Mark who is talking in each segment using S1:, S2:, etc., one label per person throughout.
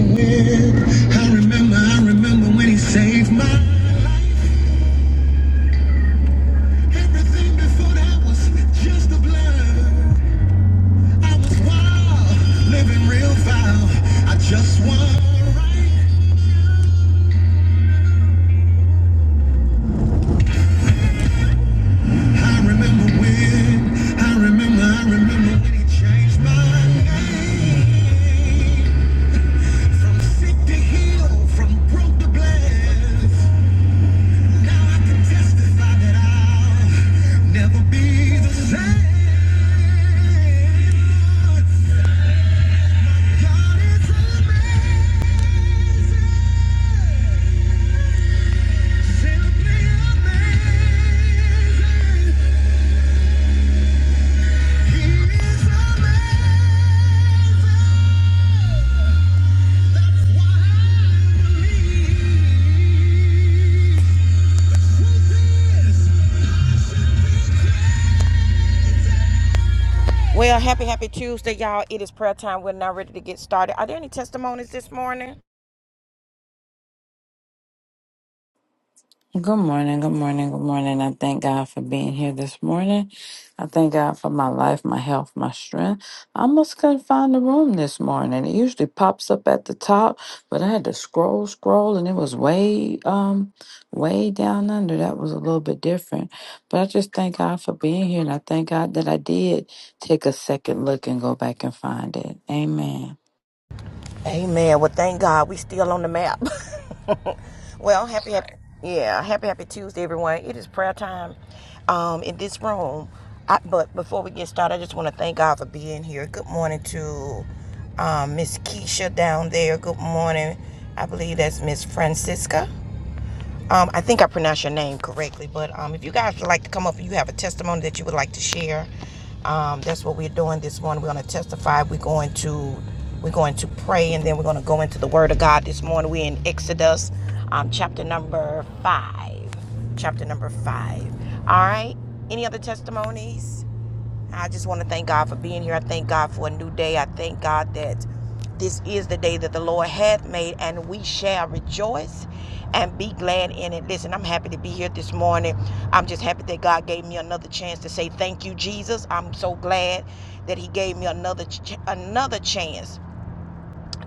S1: I remember, I remember when he saved my life. Everything before that was just a blur. I was wild, living real foul. I just want right. I remember when, I remember, I remember when he changed my name. From sick to healed, from broke to blessed. Now I can testify that I'll never be the same. God is amazing. Simply amazing. He is amazing. That's why I believe. Well, happy, happy Tuesday, y'all. It is prayer time. We're now ready to get started. Are there any testimonies this morning?
S2: Good morning, good morning, good morning. I thank God for being here this morning. I thank God for my life, my health, my strength. I almost couldn't find the room this morning. It usually pops up at the top, but I had to scroll, scroll, and it was way, um, way down under. That was a little bit different. But I just thank God for being here, and I thank God that I did take a second look and go back and find it. Amen.
S1: Amen. Well, thank God we still on the map. well, happy, happy, yeah, happy, happy Tuesday, everyone. It is prayer time um, in this room. I, but before we get started, I just want to thank God for being here. Good morning to um, Miss Keisha down there. Good morning. I believe that's Miss Francisca. Um, I think I pronounced your name correctly, but um, if you guys would like to come up and you have a testimony that you would like to share, um, that's what we're doing this morning. We're going to testify. We're going to we're going to pray, and then we're going to go into the Word of God this morning. We're in Exodus, um, chapter number five. Chapter number five. All right. Any other testimonies? I just want to thank God for being here. I thank God for a new day. I thank God that this is the day that the Lord hath made, and we shall rejoice and be glad in it. Listen, I'm happy to be here this morning. I'm just happy that God gave me another chance to say thank you, Jesus. I'm so glad that He gave me another another chance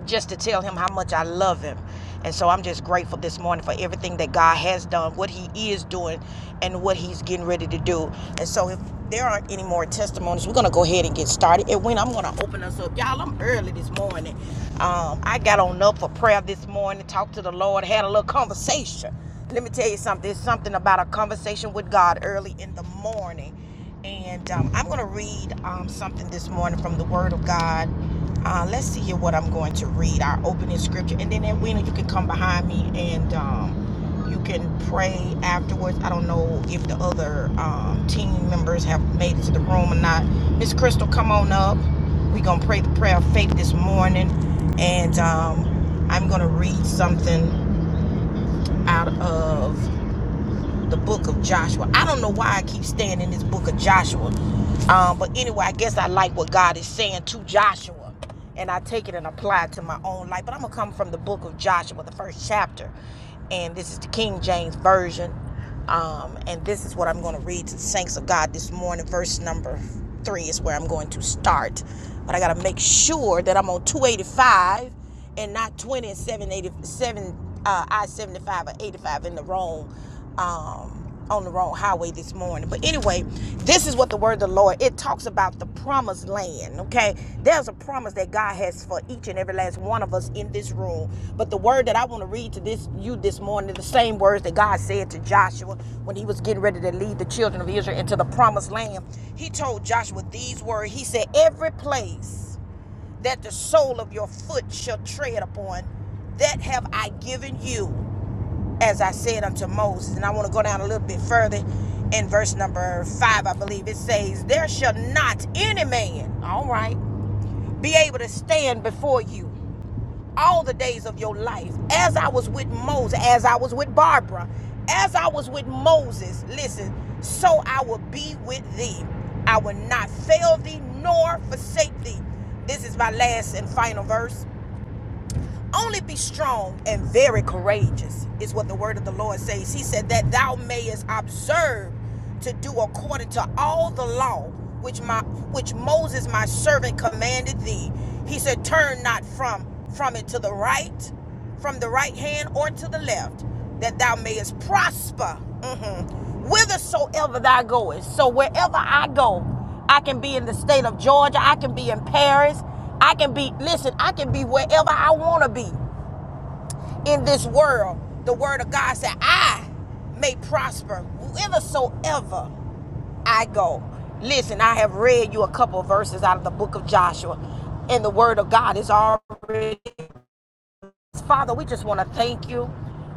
S1: just to tell him how much I love him. And so I'm just grateful this morning for everything that God has done, what He is doing, and what He's getting ready to do. And so if there aren't any more testimonies, we're going to go ahead and get started. And when I'm going to open us up, y'all, I'm early this morning. Um, I got on up for prayer this morning, talked to the Lord, had a little conversation. Let me tell you something. It's something about a conversation with God early in the morning and um, I'm going to read um, something this morning from the Word of God. Uh, let's see here what I'm going to read. Our opening scripture, and then Edwina, you can come behind me and um, you can pray afterwards. I don't know if the other um, team members have made it to the room or not. Miss Crystal, come on up. We're going to pray the prayer of faith this morning, and um, I'm going to read something out of the book of Joshua. I don't know why I keep staying in this book of Joshua. Um, but anyway, I guess I like what God is saying to Joshua. And I take it and apply it to my own life. But I'm going to come from the book of Joshua, the first chapter. And this is the King James Version. Um, and this is what I'm going to read to the saints of God this morning. Verse number three is where I'm going to start. But I got to make sure that I'm on 285 and not 20 and 787 uh, I-75 or 85 in the wrong um, on the wrong highway this morning. But anyway, this is what the word of the Lord. It talks about the promised land. Okay, there's a promise that God has for each and every last one of us in this room. But the word that I want to read to this you this morning is the same words that God said to Joshua when he was getting ready to lead the children of Israel into the promised land. He told Joshua these words. He said, "Every place." that the sole of your foot shall tread upon, that have I given you, as I said unto Moses. And I want to go down a little bit further in verse number five, I believe it says, There shall not any man, all right, be able to stand before you all the days of your life. As I was with Moses, as I was with Barbara, as I was with Moses, listen, so I will be with thee. I will not fail thee nor forsake thee. This is my last and final verse. Only be strong and very courageous, is what the word of the Lord says. He said that thou mayest observe to do according to all the law which my which Moses my servant commanded thee. He said, Turn not from from it to the right, from the right hand or to the left, that thou mayest prosper mhm, whithersoever thou goest. So wherever I go, I can be in the state of Georgia. I can be in Paris. I can be, listen, I can be wherever I want to be in this world. The word of God said, I may prosper whithersoever I go. Listen, I have read you a couple of verses out of the book of Joshua, and the word of God is already. Father, we just want to thank you.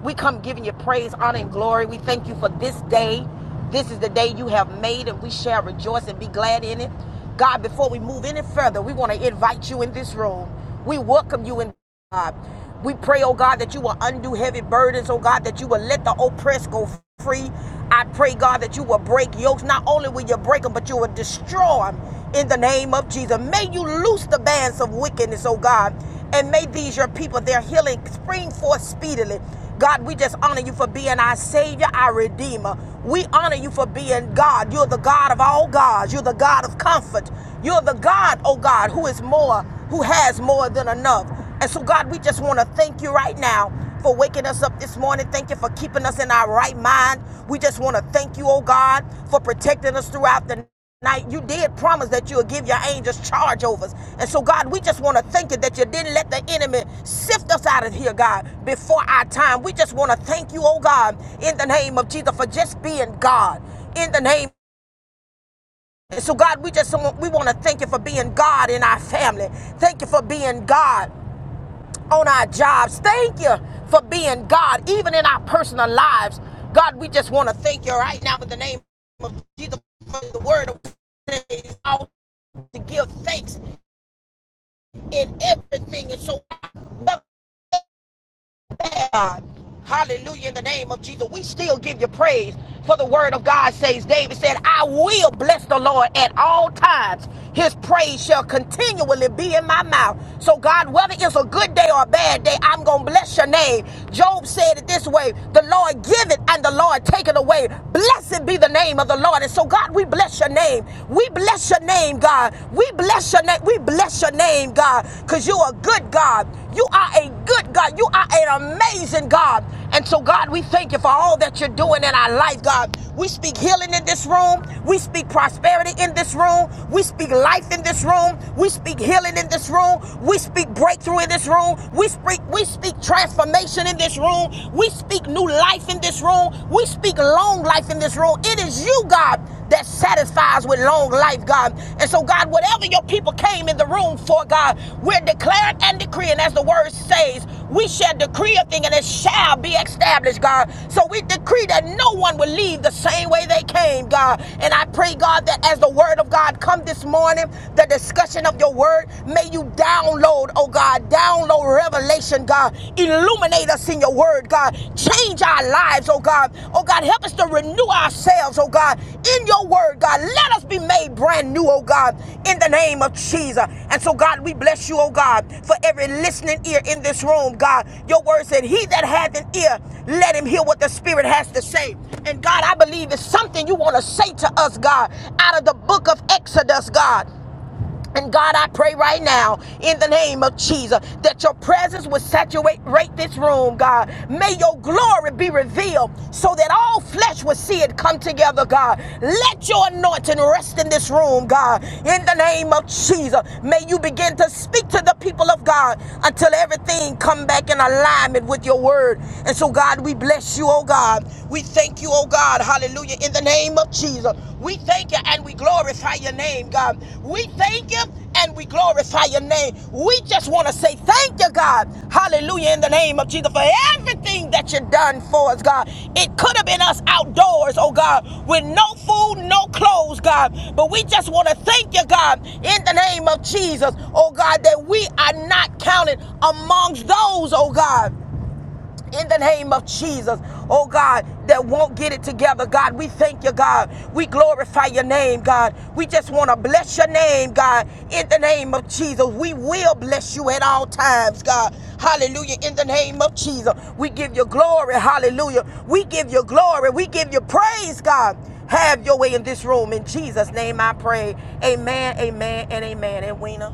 S1: We come giving you praise, honor, and glory. We thank you for this day. This is the day you have made, and we shall rejoice and be glad in it. God, before we move any further, we want to invite you in this room. We welcome you in God. We pray, oh God, that you will undo heavy burdens, oh God, that you will let the oppressed go free. I pray, God, that you will break yokes. Not only will you break them, but you will destroy them in the name of Jesus. May you loose the bands of wickedness, oh God and may these your people, their healing spring forth speedily. God, we just honor you for being our Savior, our Redeemer. We honor you for being God. You're the God of all gods. You're the God of comfort. You're the God, oh God, who is more, who has more than enough. And so, God, we just want to thank you right now for waking us up this morning. Thank you for keeping us in our right mind. We just want to thank you, oh God, for protecting us throughout the night. Now, you did promise that you'll give your angels charge over us. And so, God, we just want to thank you that you didn't let the enemy sift us out of here, God, before our time. We just want to thank you, oh God, in the name of Jesus, for just being God. In the name and so, God, we just want, we want to thank you for being God in our family. Thank you for being God on our jobs. Thank you for being God, even in our personal lives. God, we just want to thank you right now in the name of Jesus for the word of praise, all to give thanks in everything. And so God. Hallelujah. In the name of Jesus, we still give you praise. For the word of God says, David said, I will bless the Lord at all times. His praise shall continually be in my mouth. So, God, whether it's a good day or a bad day, I'm going to bless your name. Job said it this way The Lord give it and the Lord take it away. Blessed be the name of the Lord. And so, God, we bless your name. We bless your name, God. We bless your name name. We bless your name, God, because you are a good, God. You are a good God. You are an amazing God. And so, God, we thank you for all that you're doing in our life, God. We speak healing in this room. We speak prosperity in this room. We speak life in this room. We speak healing in this room. We speak breakthrough in this room. We speak we speak transformation in this room. We speak new life in this room. We speak long life in this room this room. It is you, God, that satisfies with long life, God. And so, God, whatever your people came in the room for, God, we're declaring and decreeing, as the word says, we shall decree a thing and it shall be established, God. So we decree that no one will leave the same way they came, God. And I pray, God, that as the word of God come this morning, the discussion of your word, may you download, oh God, download revelation, God. God. Illuminate us in your word, God. Change our lives, oh God. Oh God, help us to renew ourselves, oh God, in your word, God. Let us be made brand new, oh God, in the name of Jesus. And so, God, we bless you, oh God, for every listening ear in this room, God. Your word said, He that hath an ear, let him hear what the Spirit has to say. And God, I believe it's something you want to say to us, God, out of the book of Exodus, God. And God, I pray right now in the name of Jesus that your presence would saturate rate this room, God. May your glory be revealed so that all flesh will see it come together, God. Let your anointing rest in this room, God. In the name of Jesus, may you begin to speak to the people of God until everything come back in alignment with your word. And so, God, we bless you, oh God. We thank you, oh God. Hallelujah. Hallelujah. In the name of Jesus. We thank you and we glorify your name, God. We thank you and we glorify your name. We just want to say thank you, God. Hallelujah. In the name of Jesus for everything that you've done for us, God. It could have been us outdoors, oh God, with no food, no clothes, God. But we just want to thank you, God, in the name of Jesus, oh God, that we are not counted amongst those, oh God in the name of Jesus, oh God, that won't get it together, God. We thank you, God. We glorify your name, God. We just want to bless your name, God, in the name of Jesus. We will bless you at all times, God. Hallelujah, in the name of Jesus. We give you glory, hallelujah. We give you glory, we give you praise, God. Have your way in this room. In Jesus' name I pray. Amen, amen, and amen. And Weena,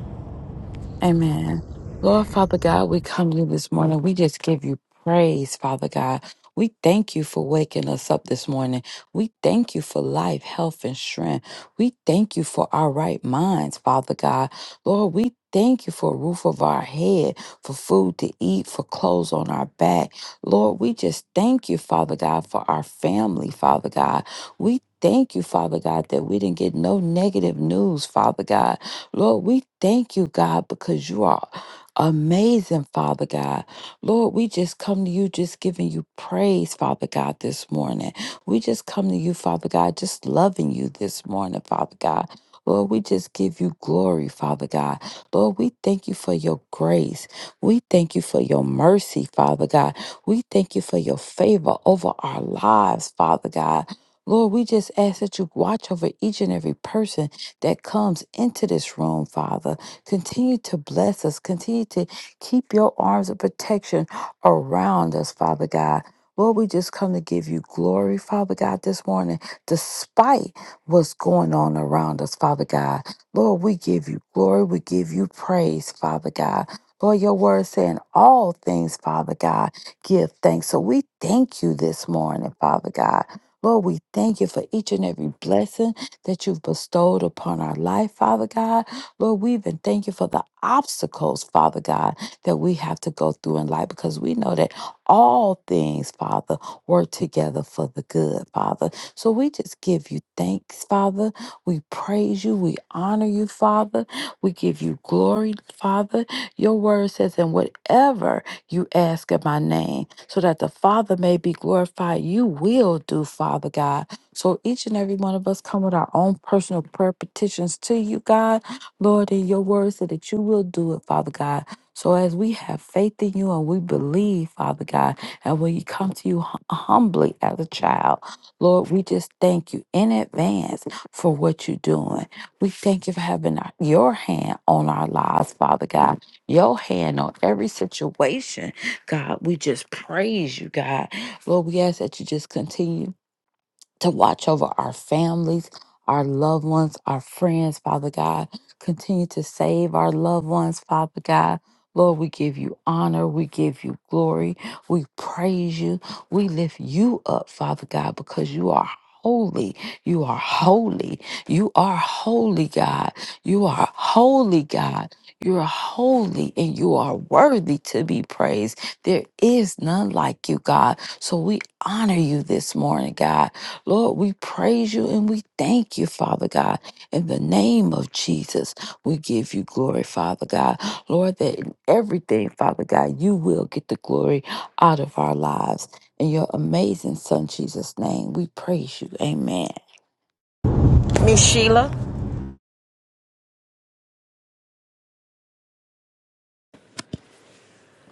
S2: Amen. Lord Father God, we come to you this morning. We just give you praise, Father God. We thank you for waking us up this morning. We thank you for life, health, and strength. We thank you for our right minds, Father God. Lord, we thank you for a roof of our head, for food to eat, for clothes on our back. Lord, we just thank you, Father God, for our family, Father God. We thank you, Father God, that we didn't get no negative news, Father God. Lord, we thank you, God, because you are amazing, Father God. Lord, we just come to you just giving you praise, Father God, this morning. We just come to you, Father God, just loving you this morning, Father God. Lord, we just give you glory, Father God. Lord, we thank you for your grace. We thank you for your mercy, Father God. We thank you for your favor over our lives, Father God. Lord, we just ask that you watch over each and every person that comes into this room, Father. Continue to bless us. Continue to keep your arms of protection around us, Father God. Lord, we just come to give you glory, Father God, this morning, despite what's going on around us, Father God. Lord, we give you glory. We give you praise, Father God. Lord, your word saying all things, Father God, give thanks. So we thank you this morning, Father God. Lord, we thank you for each and every blessing that you've bestowed upon our life, Father God. Lord, we even thank you for the obstacles, Father God, that we have to go through in life because we know that all things, Father, work together for the good, Father. So we just give you thanks, Father. We praise you. We honor you, Father. We give you glory, Father. Your word says, and whatever you ask in my name, so that the Father may be glorified, you will do, Father God. So each and every one of us come with our own personal prayer petitions to you, God. Lord, in your word so that you will do it, Father God. So as we have faith in you and we believe, Father God, and when you come to you hum- humbly as a child, Lord, we just thank you in advance for what you're doing. We thank you for having our- your hand on our lives, Father God, your hand on every situation. God, we just praise you, God. Lord, we ask that you just continue to watch over our families, our loved ones, our friends, Father God. Continue to save our loved ones, Father God. Lord, we give you honor. We give you glory. We praise you. We lift you up, Father God, because you are holy. You are holy. You are holy, God. You are holy, God. You are holy and you are worthy to be praised. There is none like you, God. So we honor you this morning, God. Lord, we praise you and we thank you, Father God. In the name of Jesus, we give you glory, Father God. Lord, that in everything, Father God, you will get the glory out of our lives. In your amazing Son, Jesus' name, we praise you. Amen.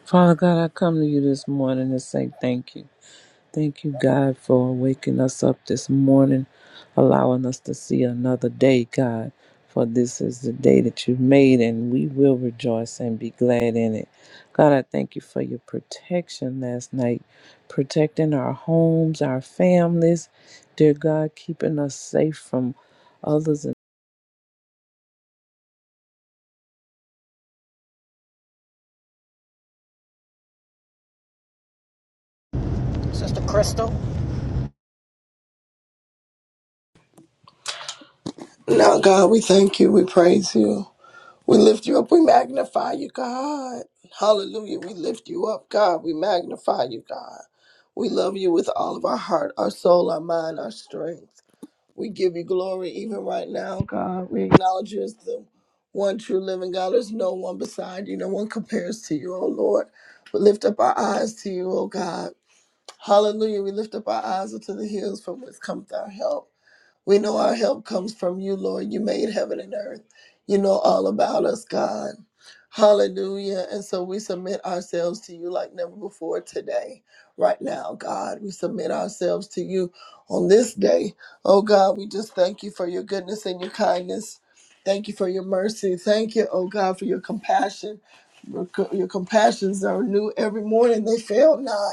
S3: Father God, I come to you this morning to say thank you. Thank you, God, for waking us up this morning, allowing us to see another day, God. For this is the day that you've made, and we will rejoice and be glad in it. God, I thank you for your protection last night, protecting our homes, our families. Dear God, keeping us safe from others.
S1: Sister Crystal.
S4: Now, God, we thank you. We praise you. We lift you up. We magnify you, God. Hallelujah. We lift you up, God. We magnify you, God. We love you with all of our heart, our soul, our mind, our strength. We give you glory even right now, God. We acknowledge you as the one true living God. There's no one beside you. No one compares to you, oh Lord. We lift up our eyes to you, oh God. Hallelujah. We lift up our eyes unto the hills from which cometh our help. We know our help comes from you, Lord. You made heaven and earth. You know all about us, God. Hallelujah. And so we submit ourselves to you like never before today, right now, God. We submit ourselves to you on this day. Oh, God, we just thank you for your goodness and your kindness. Thank you for your mercy. Thank you, oh God, for your compassion. Your co- your compassions are new every morning, they fail not.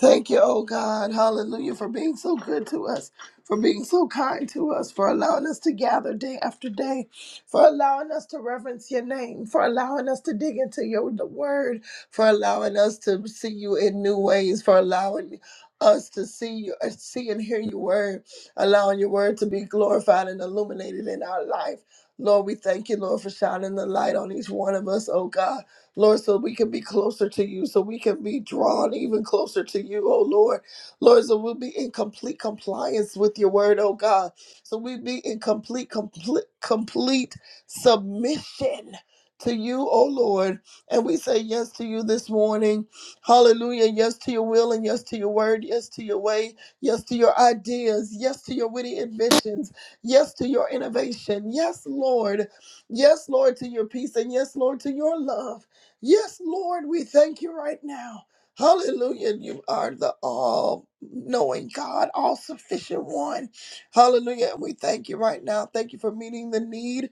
S4: Thank you, oh God. Hallelujah, for being so good to us for being so kind to us, for allowing us to gather day after day, for allowing us to reverence your name, for allowing us to dig into your the word, for allowing us to see you in new ways, for allowing us to see you, uh, see and hear your word, allowing your word to be glorified and illuminated in our life. Lord, we thank you, Lord, for shining the light on each one of us, oh God. Lord, so we can be closer to you, so we can be drawn even closer to you, oh Lord. Lord, so we'll be in complete compliance with your word, oh God. So we be in complete, complete, complete submission to you, oh Lord. And we say yes to you this morning. Hallelujah. Yes to your will and yes to your word. Yes to your way. Yes to your ideas. Yes to your witty inventions. Yes to your innovation. Yes, Lord. Yes, Lord, to your peace. And yes, Lord, to your love. Yes, Lord, we thank you right now. Hallelujah. You are the all knowing God, all sufficient one. Hallelujah. And we thank you right now. Thank you for meeting the need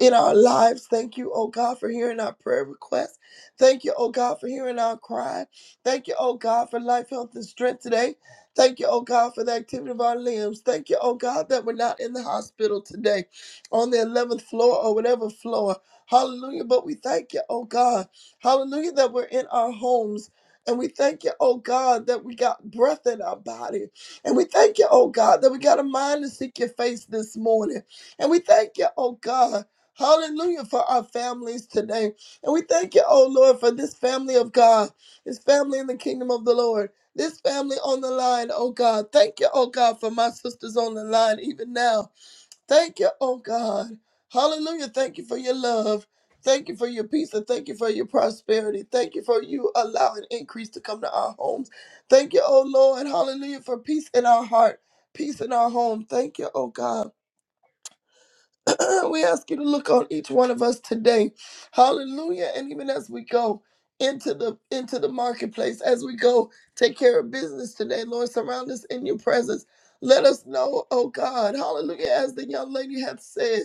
S4: in our lives. Thank you, oh God, for hearing our prayer requests. Thank you, oh God, for hearing our cry. Thank you, oh God, for life, health, and strength today. Thank you, oh God, for the activity of our limbs. Thank you, oh God, that we're not in the hospital today on the 11th floor or whatever floor. Hallelujah. But we thank you, oh God. Hallelujah, that we're in our homes. And we thank you, oh God, that we got breath in our body. And we thank you, oh God, that we got a mind to seek your face this morning. And we thank you, oh God. Hallelujah for our families today. And we thank you, oh Lord, for this family of God, this family in the kingdom of the Lord, this family on the line, oh God. Thank you, oh God, for my sisters on the line even now. Thank you, oh God. Hallelujah. Thank you for your love. Thank you for your peace and thank you for your prosperity. Thank you for you allowing increase to come to our homes. Thank you, oh Lord. Hallelujah for peace in our heart, peace in our home. Thank you, oh God. we ask you to look on each one of us today. Hallelujah. And even as we go into the into the marketplace, as we go take care of business today, Lord, surround us in your presence. Let us know, oh God, hallelujah, as the young lady hath said,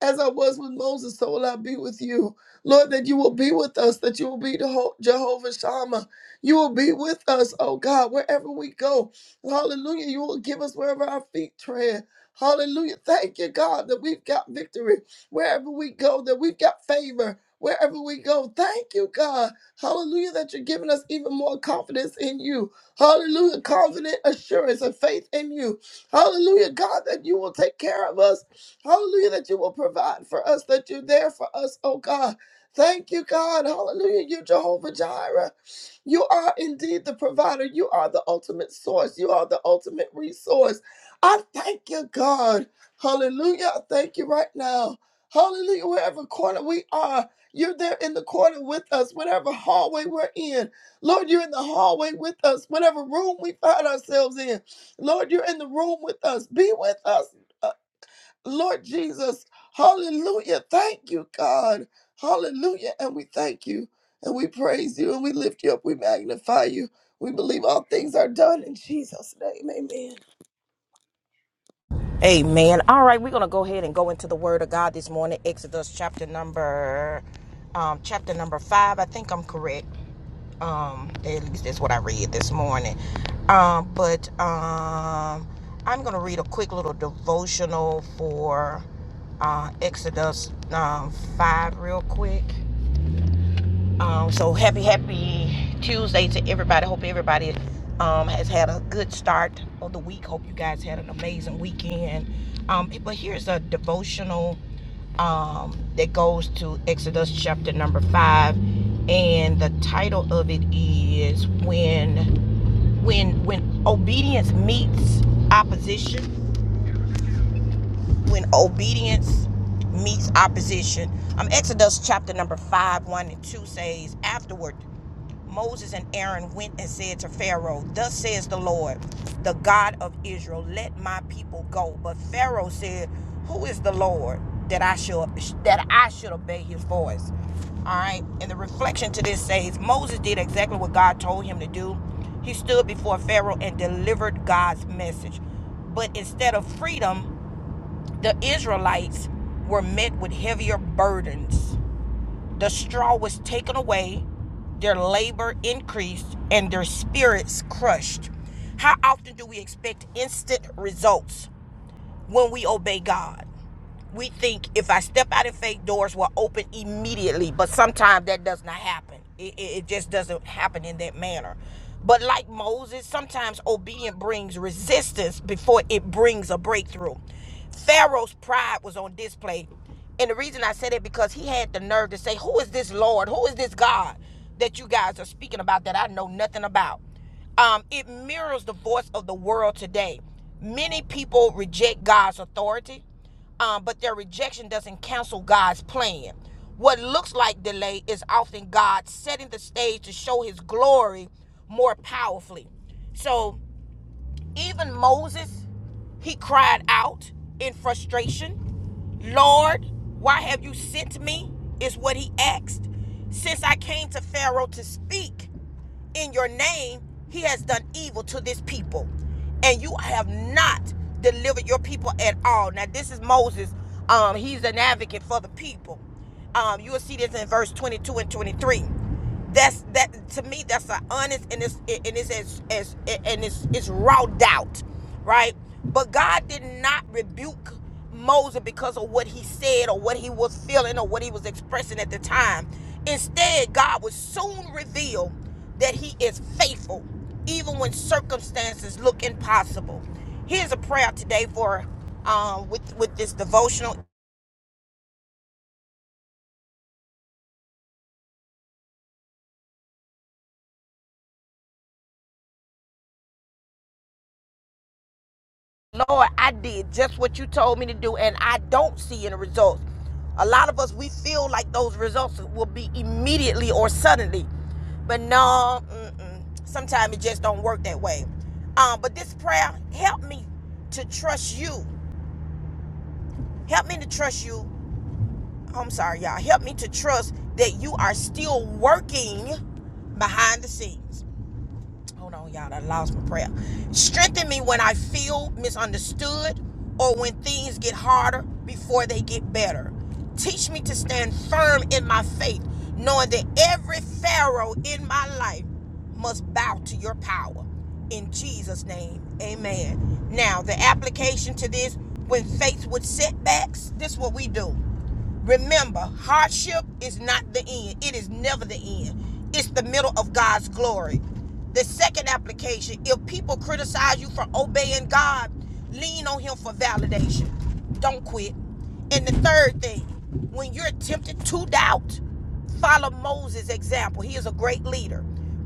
S4: as I was with Moses, so will I be with you. Lord, that you will be with us, that you will be the Ho- Jehovah Shammah. You will be with us, oh God, wherever we go. Hallelujah. You will give us wherever our feet tread. Hallelujah. Thank you, God, that we've got victory wherever we go, that we've got favor wherever we go. Thank you, God. Hallelujah, that you're giving us even more confidence in you. Hallelujah, confident assurance and faith in you. Hallelujah, God, that you will take care of us. Hallelujah, that you will provide for us, that you're there for us, oh God. Thank you, God. Hallelujah. You're Jehovah Jireh. You are indeed the provider. You are the ultimate source. You are the ultimate resource. I thank you, God. Hallelujah. I thank you right now. Hallelujah. Wherever corner we are, you're there in the corner with us, whatever hallway we're in. Lord, you're in the hallway with us, whatever room we find ourselves in. Lord, you're in the room with us. Be with us, uh, Lord Jesus. Hallelujah. Thank you, God. Hallelujah. And we thank you and we praise you and we lift you up. We magnify you. We believe all things are done in Jesus' name. Amen.
S1: Amen. All right, we're gonna go ahead and go into the Word of God this morning. Exodus chapter number, um, chapter number five. I think I'm correct. Um, at least that's what I read this morning. Um, but um, I'm gonna read a quick little devotional for uh, Exodus um, five real quick. Um, so happy, happy Tuesday to everybody. Hope everybody um, has had a good start of the week. Hope you guys had an amazing weekend. Um, but here's a devotional um, that goes to Exodus chapter number five, and the title of it is "When When When Obedience Meets Opposition." when obedience meets opposition. Um, Exodus chapter number 5, 1 and 2 says, Afterward, Moses and Aaron went and said to Pharaoh, Thus says the Lord, the God of Israel, let my people go. But Pharaoh said, Who is the Lord that I should that I should obey his voice? All right. And the reflection to this says Moses did exactly what God told him to do. He stood before Pharaoh and delivered God's message. But instead of freedom, the Israelites were met with heavier burdens. The straw was taken away, their labor increased, and their spirits crushed. How often do we expect instant results when we obey God? we think if I step out in faith, doors will open immediately. But sometimes that does not happen. It, it, just doesn't happen in that manner. But like Moses, sometimes obedience brings resistance before it brings a breakthrough. Pharaoh's pride was on display. And the reason I said it because he had the nerve to say, Who is this Lord? Who is this God that you guys are speaking about that I know nothing about? Um, it mirrors the voice of the world today. Many people reject God's authority um, but their rejection doesn't cancel God's plan. What looks like delay is often God setting the stage to show his glory more powerfully. So even Moses, he cried out in frustration, Lord, why have you sent me? Is what he asked. Since I came to Pharaoh to speak, in your name, he has done evil to this people, and you have not delivered your people at all. Now, this is Moses. Um, he's an advocate for the people. Um, you will see this in verse 22 and 23. That's that to me. That's an honest and it's and it's as as and it's it's raw doubt, right? But God did not rebuke. Moses because of what he said or what he was feeling or what he was expressing at the time. Instead, God would soon reveal that he is faithful even when circumstances look impossible. Here's a prayer today for um, with with this devotional Lord, I did just what you told me to do, and I don't see any results. A lot of us, we feel like those results will be immediately or suddenly, but no, mm-mm. sometimes it just don't work that way. Um, but this prayer help me to trust you. Help me to trust you. I'm sorry, y'all. Help me to trust that you are still working behind the scenes. Hold on, y'all. I lost my prayer. Strengthen me when I feel misunderstood or when things get harder before they get better. Teach me to stand firm in my faith, knowing that every Pharaoh in my life must bow to your power. In Jesus' name, amen. Now, the application to this when faced with setbacks, this is what we do. Remember, hardship is not the end. It is never the end. It's the middle of God's glory. The second application if people criticize you for obeying God, lean on Him for validation. Don't quit. And the third thing, when you're tempted to doubt, follow Moses' example. He is a great leader.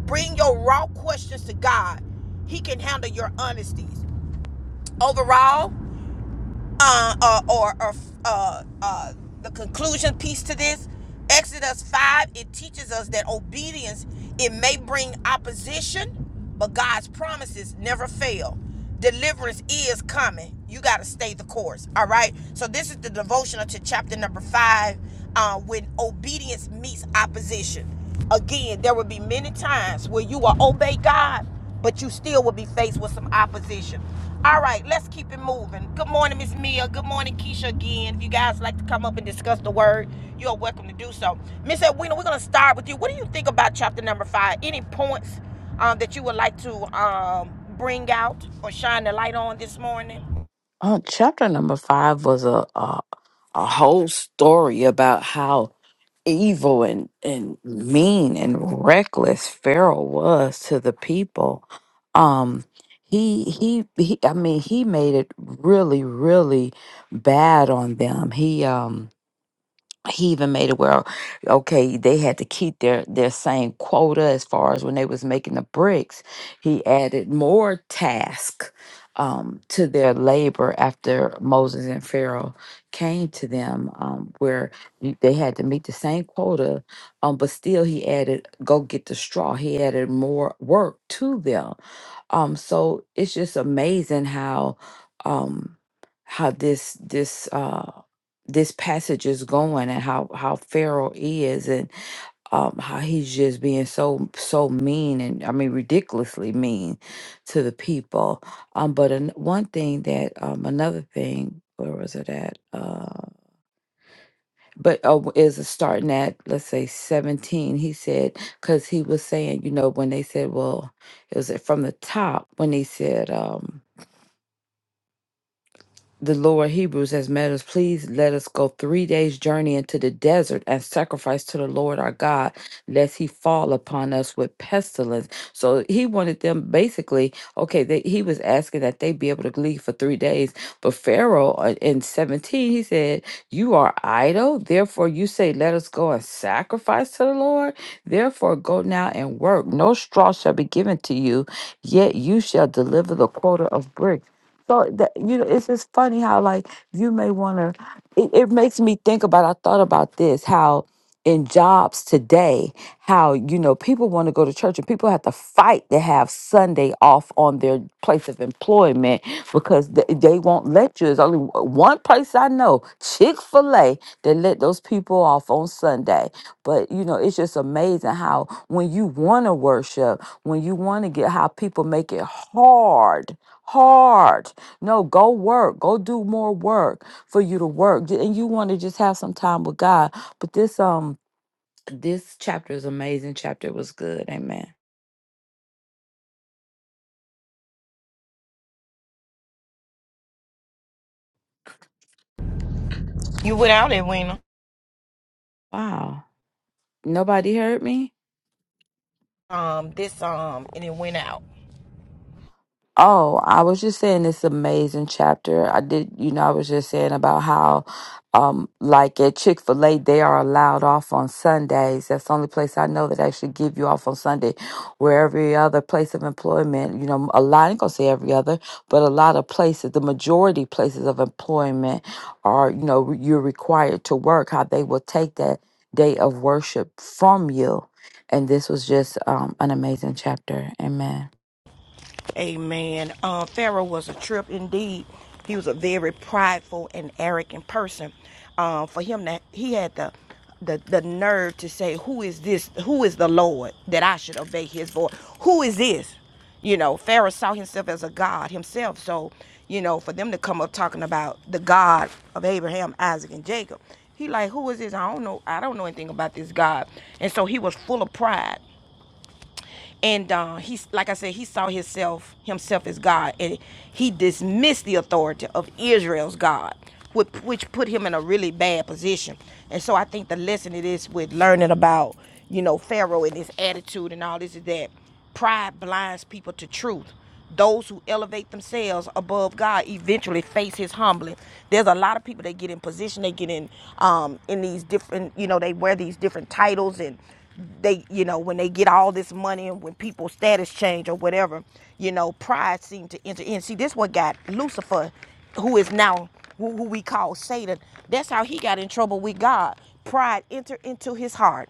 S1: Bring your raw questions to God, He can handle your honesties. Overall, uh, uh, or or, uh, uh, the conclusion piece to this exodus 5 it teaches us that obedience it may bring opposition but god's promises never fail deliverance is coming you got to stay the course all right so this is the devotional to chapter number five uh, when obedience meets opposition again there will be many times where you will obey god but you still will be faced with some opposition. All right, let's keep it moving. Good morning, Miss Mia. Good morning, Keisha. Again, if you guys like to come up and discuss the word, you are welcome to do so. Miss Edwina, we're going to start with you. What do you think about chapter number five? Any points um, that you would like to um, bring out or shine the light on this morning?
S2: Uh, chapter number five was a, a, a whole story about how evil and, and mean and reckless Pharaoh was to the people. Um he, he he I mean he made it really really bad on them. He um he even made it where okay they had to keep their their same quota as far as when they was making the bricks he added more task um, to their labor after moses and pharaoh came to them um, where you- they had to meet the same quota um, but still he added go get the straw he added more work to them um so it's just amazing how um how this this uh this passage is going and how how pharaoh is and um how he's just being so so mean and i mean ridiculously mean to the people um but an, one thing that um another thing where was it at Uh, but uh, is starting at let's say 17 he said because he was saying you know when they said well it was from the top when they said um the Lord Hebrews has made us, please let us go three days' journey into the desert and sacrifice to the Lord our God, lest he fall upon us with pestilence. So he wanted them basically, okay, they, he was asking that they be able to leave for three days. But Pharaoh uh, in 17, he said, You are idle, therefore you say, Let us go and sacrifice to the Lord. Therefore go now and work. No straw shall be given to you, yet you shall deliver the quota of bricks. So that you know, it's just funny how like you may want to. It, it makes me think about. I thought about this how in jobs today, how you know people want to go to church and people have to fight to have Sunday off on their place of employment because they, they won't let you. There's only w- one place I know, Chick Fil A, that let those people off on Sunday. But you know, it's just amazing how when you want to worship, when you want to get, how people make it hard hard no, go work. Go do more work for you to work. And you want to just have some time with God. But this um this chapter is amazing chapter. It was good. Amen.
S1: You went out, Edwina.
S2: Wow. Nobody heard me?
S1: Um, this um, and it went out.
S2: Oh, I was just saying this amazing chapter. I did, you know, I was just saying about how, um, like at Chick fil A, they are allowed off on Sundays. That's the only place I know that actually give you off on Sunday. Where every other place of employment, you know, a lot, I ain't gonna say every other, but a lot of places, the majority places of employment are, you know, you're required to work, how they will take that day of worship from you. And this was just um, an amazing chapter. Amen.
S1: Amen. Uh, Pharaoh was a trip indeed. He was a very prideful and arrogant person. Uh, for him, that he had the, the the nerve to say, "Who is this? Who is the Lord that I should obey His voice? Who is this?" You know, Pharaoh saw himself as a god himself. So, you know, for them to come up talking about the God of Abraham, Isaac, and Jacob, he like, who is this? I don't know. I don't know anything about this God. And so he was full of pride and uh, he's like I said, he saw himself himself as God, and he dismissed the authority of Israel's God, which, which put him in a really bad position. And so I think the lesson it is with learning about you know Pharaoh and his attitude and all this is that Pride blinds people to truth. Those who elevate themselves above God eventually face His humbling. There's a lot of people that get in position, they get in um, in these different, you know, they wear these different titles and they you know when they get all this money and when people's status change or whatever you know pride seemed to enter in see this one got lucifer who is now who, we call satan that's how he got in trouble with god pride entered into his heart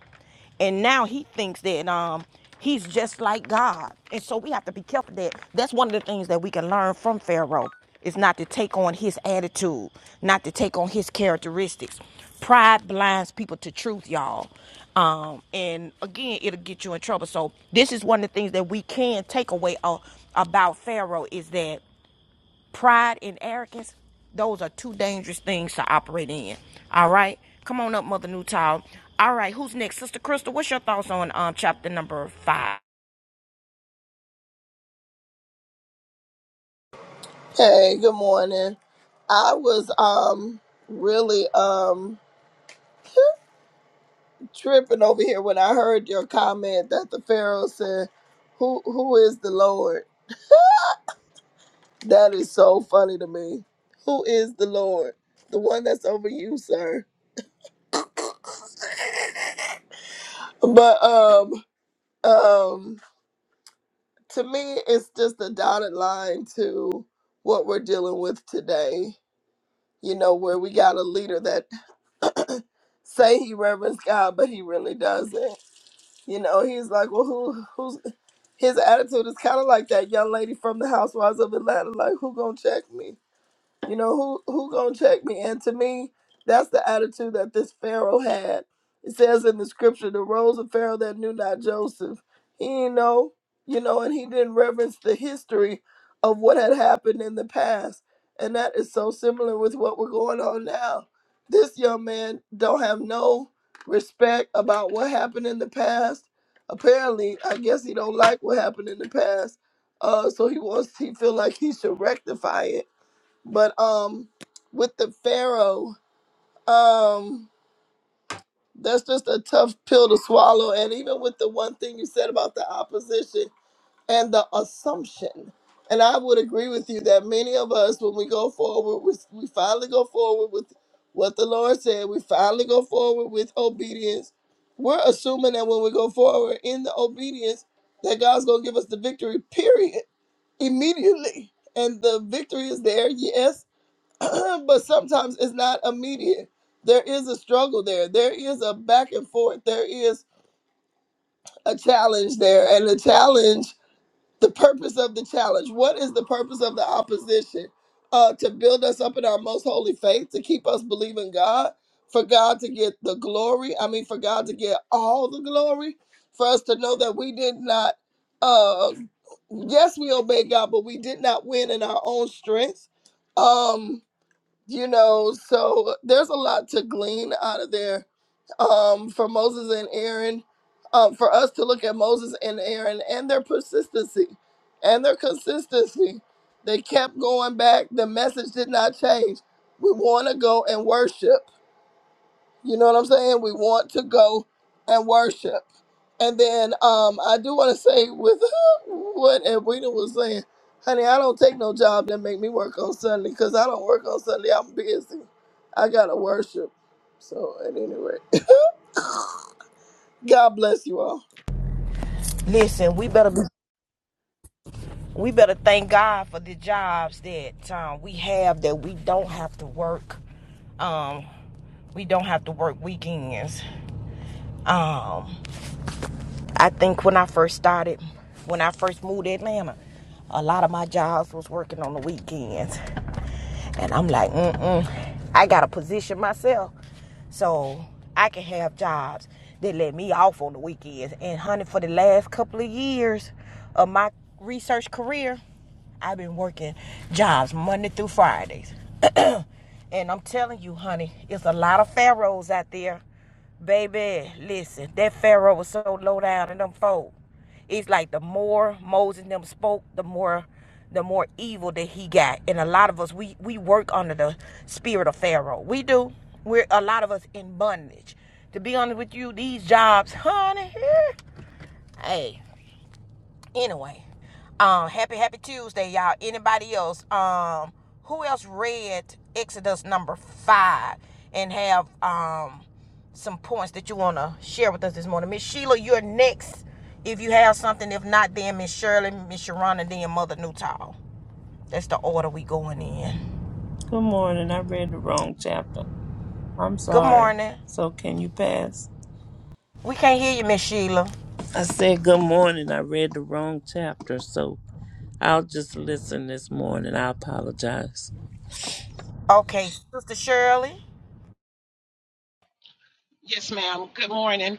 S1: and now he thinks that um he's just like God. And so we have to be careful that that's one of the things that we can learn from Pharaoh is not to take on his attitude, not to take on his characteristics. Pride blinds people to truth, y'all. Um, and again, it'll get you in trouble. So this is one of the things that we can take away uh, about Pharaoh is that pride and arrogance, those are two dangerous things to operate in. All right? Come on up, Mother Newtown. All right, who's next? Sister Crystal, what's your thoughts on um chapter number five?
S4: Hey, good morning. I was um really um tripping over here when I heard your comment that the Pharaoh said, "Who who is the Lord?" That is so funny to me. Who is the Lord? The one that's over you, sir. But um um to me it's just a dotted line to what we're dealing with today. You know, where we got a leader that say he reverends God, but he really doesn't You know, he's like, well, who, who's his attitude is kind of like that young lady from the Housewives of Atlanta, like, who gonna check me? You know, who who gonna check me? And to me, that's the attitude that this Pharaoh had. It says in the scripture, the rose of Pharaoh that knew not Joseph. He didn't know, you know, and he didn't reverence the history of what had happened in the past. And that is so similar with what we're going on now. This young man don't have no respect about what happened in the past. Apparently, I guess he don't like what happened in the past. Uh, so he wants he feel like he should rectify it but um, with the Pharaoh, um, that's just a tough pill to swallow. And even with the one thing you said about the opposition and the assumption, and I would agree with you that many of us, when we go forward, with, we finally go forward with what the Lord said. We finally go forward with obedience. We're assuming that when we go forward in the obedience, that God's gonna give us the victory. Period. Immediately, and the victory is there. Yes, but sometimes it's not immediate. There is a struggle there. There is a back and forth. There is a challenge there. And the challenge, the purpose of the challenge, what is the purpose of the opposition? Uh, to build us up in our most holy faith, to keep us believing God, for God to get the glory. I mean, for God to get all the glory, for us to know that we did not, uh, yes, we obeyed God, but we did not win in our own strength. Um, you know so there's a lot to glean out of there um for moses and aaron um for us to look at moses and aaron and their persistency and their consistency they kept going back the message did not change we want to go and worship you know what i'm saying we want to go and worship and then um, I do want to say with what Edwina was saying, honey, I don't take no job that make me work on Sunday because I don't work on Sunday. I'm busy. I gotta worship. So at any rate, God bless you all.
S1: Listen, we better be, we better thank God for the jobs that um, we have that we don't have to work. Um, we don't have to work weekends. Um, I think when I first started, when I first moved to Atlanta, a lot of my jobs was working on the weekends. And I'm like, mm-mm, I gotta position myself so I can have jobs that let me off on the weekends. And honey, for the last couple of years of my research career, I've been working jobs Monday through Fridays. And I'm telling you, honey, it's a lot of pharaohs out there. Baby, listen, that pharaoh was so low down in them folk. It's like the more Moses and them spoke, the more the more evil that he got. And a lot of us we we work under the spirit of Pharaoh. We do. We're a lot of us in bondage. To be honest with you, these jobs, honey, eh. hey, anyway um happy happy tuesday y'all anybody else um who else read exodus number five and have um some points that you want to share with us this morning miss sheila you're next if you have something if not then miss shirley miss sharon then mother newtall that's the order we going in
S3: Good morning. I read the wrong chapter. I'm
S1: good
S3: sorry.
S1: morning
S3: So, can you pass?
S1: we can't hear you miss sheila
S3: I said good morning. I read the wrong chapter, so I'll just listen this morning. I apologize.
S1: okay sister shirley
S5: Yes, ma'am. Good morning.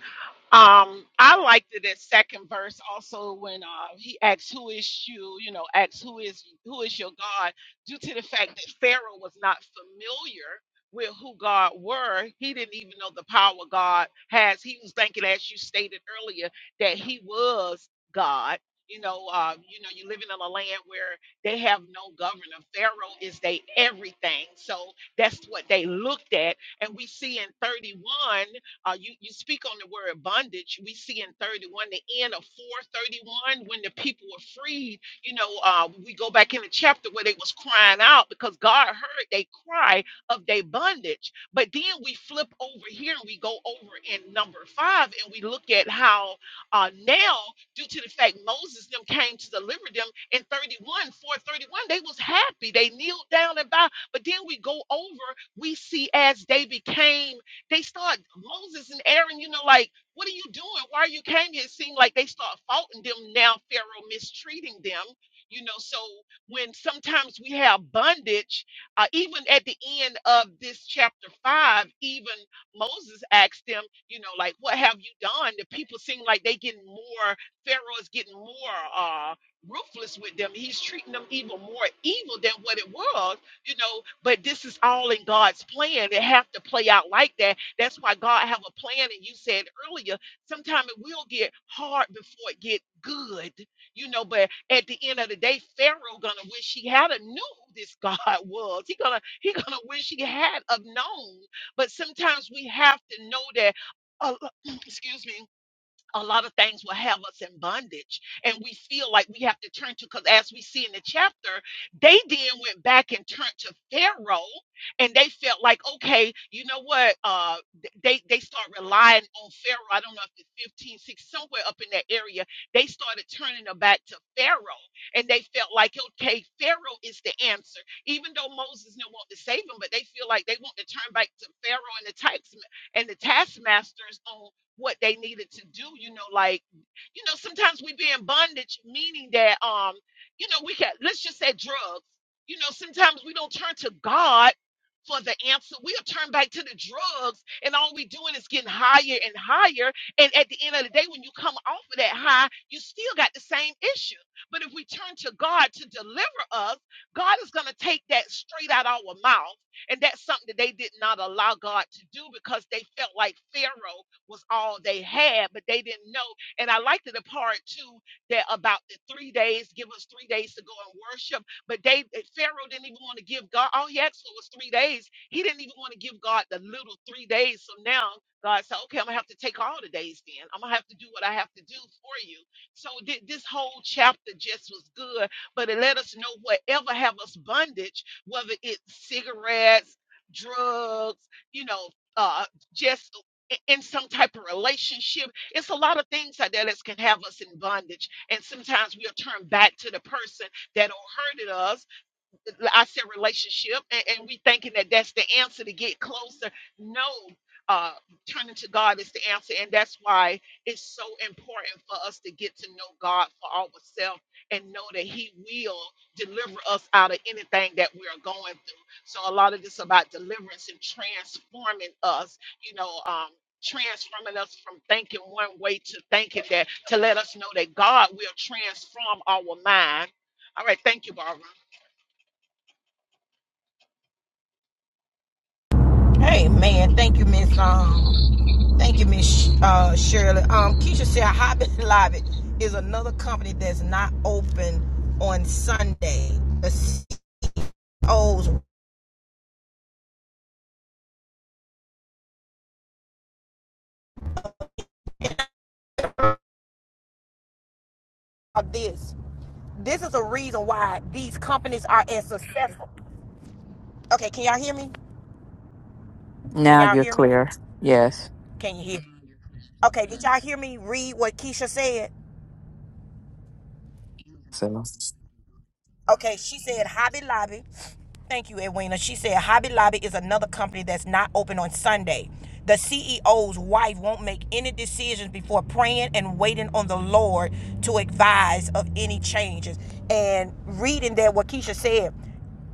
S5: Um, I liked it that second verse also when uh, he asks, "Who is you?" You know, asks, "Who is who is your God?" Due to the fact that Pharaoh was not familiar with who God were, he didn't even know the power God has. He was thinking, as you stated earlier, that he was God. You know, uh, you know, you living in a land where they have no governor. Pharaoh is they everything, so that's what they looked at and we see in 31 uh, you, you speak on the word bondage. We see in 31, the end of 431, when the people were freed. You know, uh, we go back in the chapter where they was crying out because God heard they cry of their bondage. But then we flip over here and we go over in number five and we look at how uh, now, due to the fact Moses them came to deliver them in 31, 431, they was happy. They kneeled down and bowed. But then we go over, we see as they became they start Moses and Aaron, you know, like, what are you doing? Why you came here? It seemed like they start faulting them now, Pharaoh mistreating them. You know, so when sometimes we have bondage, uh, even at the end of this chapter five, even Moses asked them, you know, like, what have you done? The people seem like they getting more, Pharaoh is getting more uh, ruthless with them. He's treating them even more evil than what it was, you know, but this is all in God's plan. It have to play out like that that's why God have a plan. And you said earlier, sometimes it will get hard before it get good, you know. But at the end of the day, Pharaoh gonna wish he had a knew who this God was. He gonna he gonna wish he had a known. But sometimes we have to know that. Uh, excuse me a lot of things will have us in bondage and we feel like we have to turn to because as we see in the chapter they then went back and turned to pharaoh and they felt like okay you know what uh th- they they start relying on pharaoh i don't know if it's 15 6 somewhere up in that area they started turning their back to pharaoh and they felt like okay pharaoh is the answer even though moses didn't want to save them but they feel like they want to turn back to pharaoh and the types and the taskmasters on what they needed to do, you know, like, you know, sometimes we be in bondage, meaning that um, you know, we can let's just say drugs. You know, sometimes we don't turn to God for the answer. We'll turn back to the drugs and all we doing is getting higher and higher. And at the end of the day, when you come off of that high, you still got the same issue. But if we turn to God to deliver us, God is going to take that straight out our mouth. And that's something that they did not allow God to do because they felt like Pharaoh was all they had, but they didn't know. And I liked the part too that about the three days, give us three days to go and worship. But they eh, Pharaoh didn't even want to give God all he asked for was three days. He didn't even want to give God the little three days. So now God said, Okay, I'm gonna have to take all the days then. I'm gonna have to do what I have to do for you. So thi- this whole chapter just was good, but it let us know whatever have us bondage whether it's cigarettes, drugs, you know, uh, just i- in some type of relationship. It's a lot of things like that that can have us in bondage. And sometimes we'll turn back to the person that hurted us I said relationship, and, and we thinking that that's the answer to get closer. No, uh, turning to God is the answer, and that's why it's so important for us to get to know God for ourselves and know that He will deliver us out of anything that we are going through. So a lot of this about deliverance and transforming us, you know. Um, transforming us from thinking one way to thinking that to let us know that God will transform our mind. All right, thank you, Barbara.
S1: hey man thank you miss um Thank you, Miss uh, Shirley. Um, Keisha said Hobby Lobby is another company that's not open on Sunday. The CEOs of this. This is a reason why these companies are as successful. Okay, can y'all hear me? Can
S2: Now
S1: y'all
S2: you're
S1: hear me?
S2: clear. Yes.
S1: Can you hear? me? Okay, did y'all hear me read what Keisha said?
S2: So
S1: Okay, she said Hobby Lobby. Thank you, Edwina. She said Hobby Lobby is another company that's not open on Sunday. The CEO's wife won't make any decisions before praying and waiting on the Lord to advise of any changes. And reading that, what Keisha said,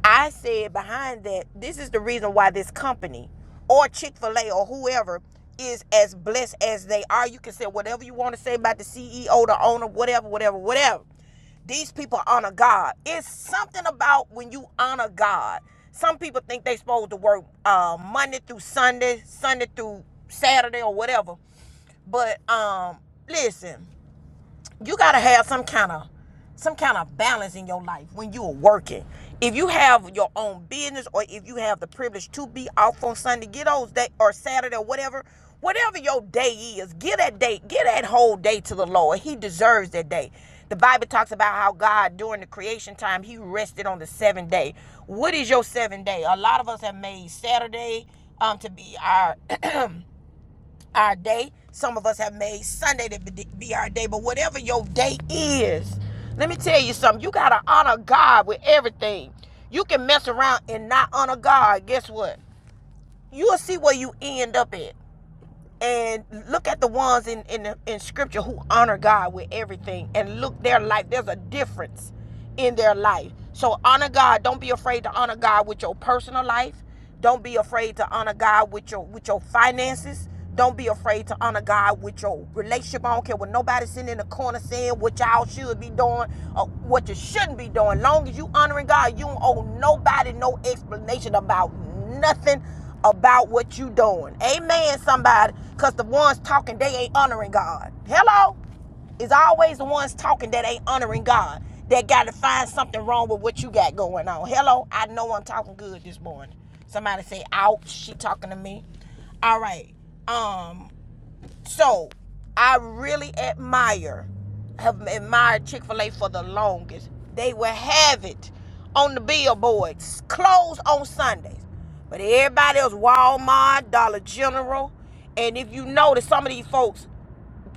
S1: I said behind that, this is the reason why this company or Chick fil A or whoever is as blessed as they are. You can say whatever you want to say about the CEO, the owner, whatever, whatever, whatever. These people honor God. It's something about when you honor God. Some people think they supposed to work uh, Monday through Sunday, Sunday through Saturday or whatever. But um, listen, you gotta have some kind of some kind of balance in your life when you are working. If you have your own business or if you have the privilege to be off on Sunday, get those day or Saturday or whatever, whatever your day is, give that day, give that whole day to the Lord. He deserves that day. The Bible talks about how God during the creation time he rested on the seventh day. What is your seventh day? A lot of us have made Saturday um to be our our day. Some of us have made Sunday to be our day, but whatever your day is, let me tell you something. You got to honor God with everything. You can mess around and not honor God. Guess what? You'll see where you end up at and look at the ones in in, the, in scripture who honor god with everything and look their life there's a difference in their life so honor god don't be afraid to honor god with your personal life don't be afraid to honor god with your with your finances don't be afraid to honor God with your relationship. I don't care what nobody's sitting in the corner saying what y'all should be doing or what you shouldn't be doing. Long as you honoring God, you don't owe nobody no explanation about nothing about what you doing. Amen, somebody. Cause the ones talking, they ain't honoring God. Hello? It's always the ones talking that ain't honoring God. That gotta find something wrong with what you got going on. Hello? I know I'm talking good this morning. Somebody say, ouch, she talking to me. All right. Um, so I really admire, have admired Chick fil A for the longest. They will have it on the billboards, closed on Sundays. But everybody else, Walmart, Dollar General, and if you notice, some of these folks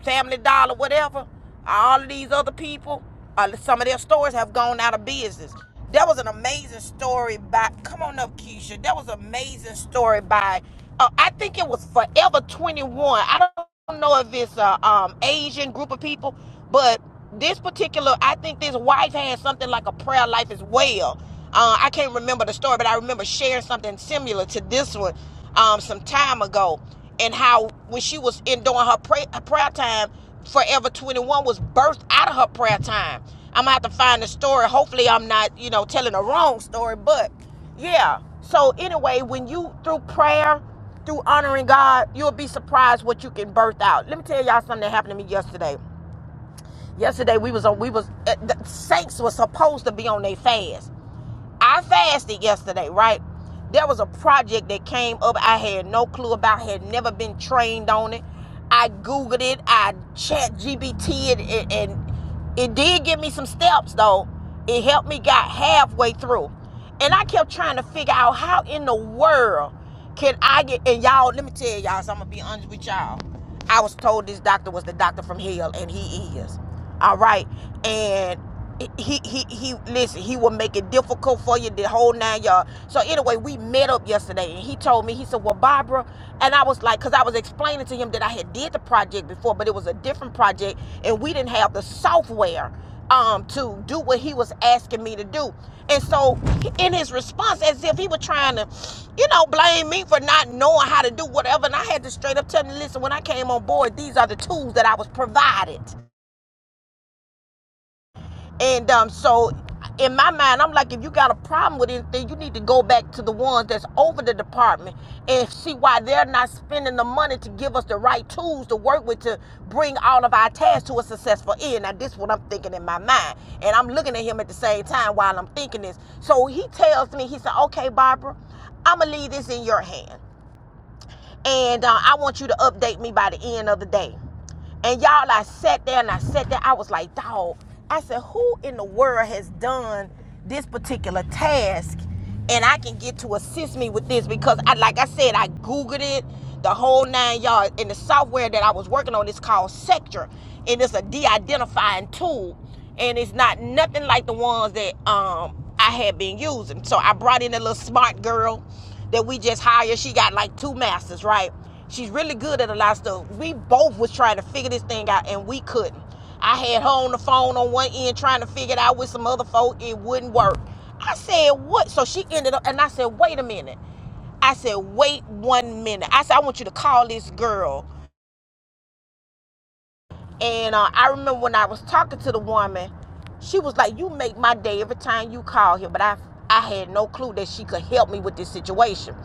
S1: Family Dollar, whatever, all of these other people, uh, some of their stores have gone out of business. That was an amazing story by, come on up, Keisha. That was an amazing story by, uh, I think it was Forever 21. I don't know if it's a um, Asian group of people, but this particular, I think this wife had something like a prayer life as well. Uh, I can't remember the story, but I remember sharing something similar to this one um, some time ago and how when she was in doing her, pray, her prayer time, Forever 21 was birthed out of her prayer time. I'm gonna have to find the story. Hopefully, I'm not, you know, telling the wrong story, but yeah. So, anyway, when you through prayer, through honoring God, you'll be surprised what you can birth out. Let me tell y'all something that happened to me yesterday. Yesterday we was on we was uh, the saints was supposed to be on their fast. I fasted yesterday, right? There was a project that came up I had no clue about, had never been trained on it. I Googled it, I chat GBT it, and it did give me some steps though. It helped me got halfway through. And I kept trying to figure out how in the world can I get and y'all, let me tell y'all, so I'm gonna be honest with y'all. I was told this doctor was the doctor from hell, and he is. All right. And he he he listen, he will make it difficult for you the whole nine y'all. So anyway, we met up yesterday and he told me, he said, Well, Barbara, and I was like, cause I was explaining to him that I had did the project before, but it was a different project and we didn't have the software um to do what he was asking me to do and so in his response as if he was trying to you know blame me for not knowing how to do whatever and i had to straight up tell him listen when i came on board these are the tools that i was provided and um, so in my mind, I'm like, if you got a problem with anything, you need to go back to the ones that's over the department and see why they're not spending the money to give us the right tools to work with to bring all of our tasks to a successful end. Now, this is what I'm thinking in my mind. And I'm looking at him at the same time while I'm thinking this. So he tells me, he said, okay, Barbara, I'm going to leave this in your hand. And uh, I want you to update me by the end of the day. And y'all, I sat there and I sat there. I was like, dog, I said, who in the world has done this particular task and I can get to assist me with this? Because, I, like I said, I Googled it, the whole nine yards. And the software that I was working on is called Sectra, and it's a de identifying tool and it's not nothing like the ones that um I had been using. So I brought in a little smart girl that we just hired. She got like two masters, right? She's really good at a lot of stuff. We both was trying to figure this thing out and we couldn't. I had her on the phone on one end trying to figure it out with some other folk. It wouldn't work. I said, what? So she ended up and I said, wait a minute. I said, wait one minute. I said, I want you to call this girl and uh, I remember when I was talking to the woman, she was like, "You make my day every time you call here." But I, I had no clue that she could help me with this situation.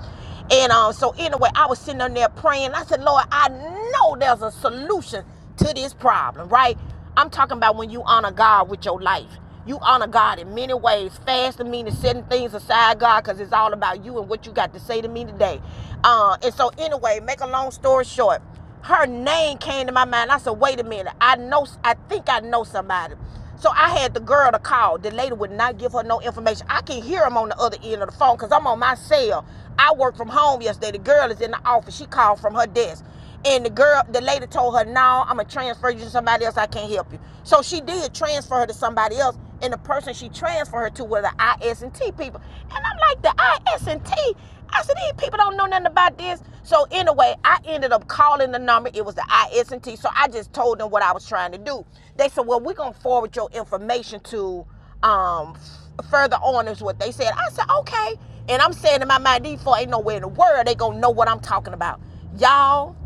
S1: And um, so anyway, I was sitting on there praying. I said, "Lord, I know there's a solution to this problem, right?" I'm talking about when you honor God with your life. You honor God in many ways. Fasting meaning setting things aside, God, because it's all about you and what you got to say to me today. Uh, and so anyway, make a long story short her name came to my mind. I said, wait a minute. I know, I think I know somebody. So I had the girl to call. The lady would not give her no information. I can hear him on the other end of the phone because I'm on my cell. I worked from home yesterday. The girl is in the office. She called from her desk. And the girl, the lady told her, no, I'm going to transfer you to somebody else. I can't help you. So she did transfer her to somebody else. And the person she transferred her to were the IS&T people. And I'm like, the IS&T? I said, these people don't know nothing about this. So anyway, I ended up calling the number. It was the IS&T. So I just told them what I was trying to do. They said, well, we're going to forward your information to um, further on is what they said. I said, okay. And I'm saying in my mind, these four ain't nowhere in the world they going to know what I'm talking about. Y'all,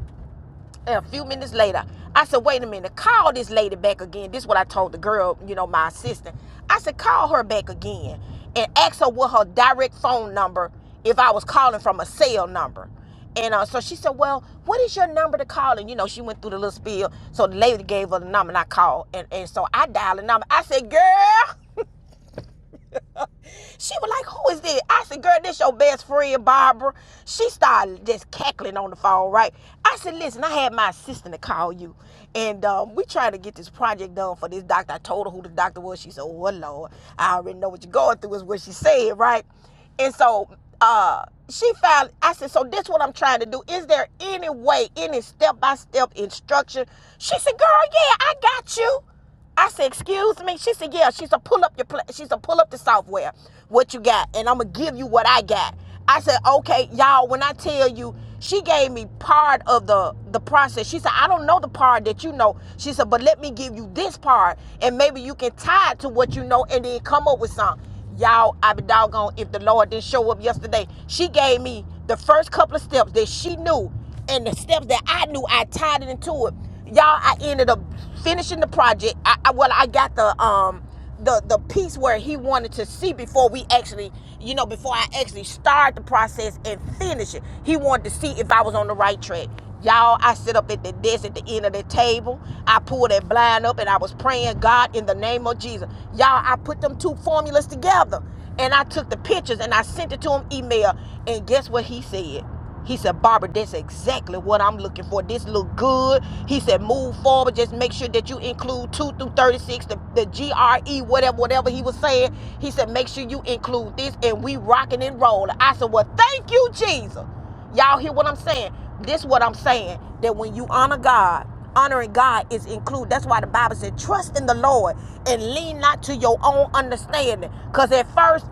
S1: and a few minutes later, I said, wait a minute, call this lady back again. This is what I told the girl, you know, my assistant. I said, call her back again and ask her what her direct phone number if I was calling from a cell number. And uh, so she said, well, what is your number to call? And, you know, she went through the little spiel. So the lady gave her the number and I called. And, and so I dialed the number. I said, girl. She was like, who is this? I said, girl, this your best friend, Barbara. She started just cackling on the phone, right? I said, listen, I had my assistant to call you. And um, we trying to get this project done for this doctor. I told her who the doctor was. She said, oh, well, Lord, I already know what you're going through is what she said, right? And so uh she found I said, so this is what I'm trying to do. Is there any way, any step by step instruction? She said, Girl, yeah, I got you. I said, "Excuse me." She said, "Yeah." She said, "Pull up your, pla- she said, pull up the software, what you got, and I'm gonna give you what I got." I said, "Okay, y'all." When I tell you, she gave me part of the the process. She said, "I don't know the part that you know." She said, "But let me give you this part, and maybe you can tie it to what you know, and then come up with something." Y'all, I be doggone if the Lord didn't show up yesterday. She gave me the first couple of steps that she knew and the steps that I knew, I tied it into it. Y'all, I ended up finishing the project. I, I well, I got the um the the piece where he wanted to see before we actually, you know, before I actually start the process and finish it. He wanted to see if I was on the right track. Y'all, I sit up at the desk at the end of the table. I pulled that blind up and I was praying, God, in the name of Jesus. Y'all, I put them two formulas together and I took the pictures and I sent it to him email. And guess what he said? He said, Barbara, that's exactly what I'm looking for. This look good. He said, move forward. Just make sure that you include 2 through 36, the, the GRE, whatever, whatever he was saying. He said, make sure you include this and we rocking and rolling. I said, well, thank you, Jesus. Y'all hear what I'm saying? This is what I'm saying. That when you honor God, honoring God is included. That's why the Bible said, trust in the Lord and lean not to your own understanding. Because at first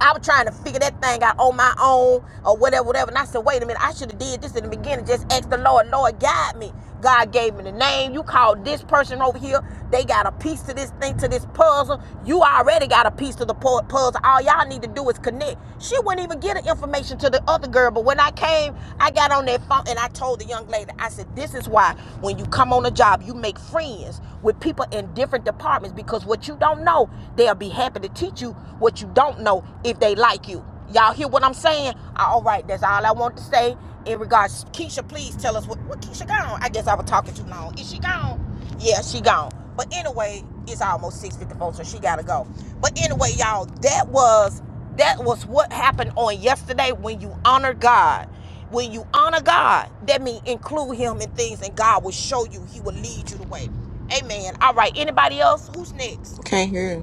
S1: I was trying to figure that thing out on my own or whatever, whatever. And I said, wait a minute, I should have did this in the beginning. Just ask the Lord, Lord, guide me. God gave me the name. You called this person over here. They got a piece to this thing, to this puzzle. You already got a piece to the pu- puzzle. All y'all need to do is connect. She wouldn't even get the information to the other girl. But when I came, I got on that phone and I told the young lady, I said, this is why when you come on a job, you make friends with people in different departments because what you don't know, they'll be happy to tell teach you what you don't know if they like you. Y'all hear what I'm saying? Uh, All right, that's all I want to say in regards. Keisha, please tell us what, what Keisha gone. I guess I was talking too long. Is she gone? Yeah, she gone. But anyway, it's almost 6:54, so she gotta go. But anyway, y'all, that was that was what happened on yesterday when you honor God. When you honor God, that means include Him in things, and God will show you. He will lead you the way. Amen. All right. Anybody else? Who's next?
S6: Can't hear you.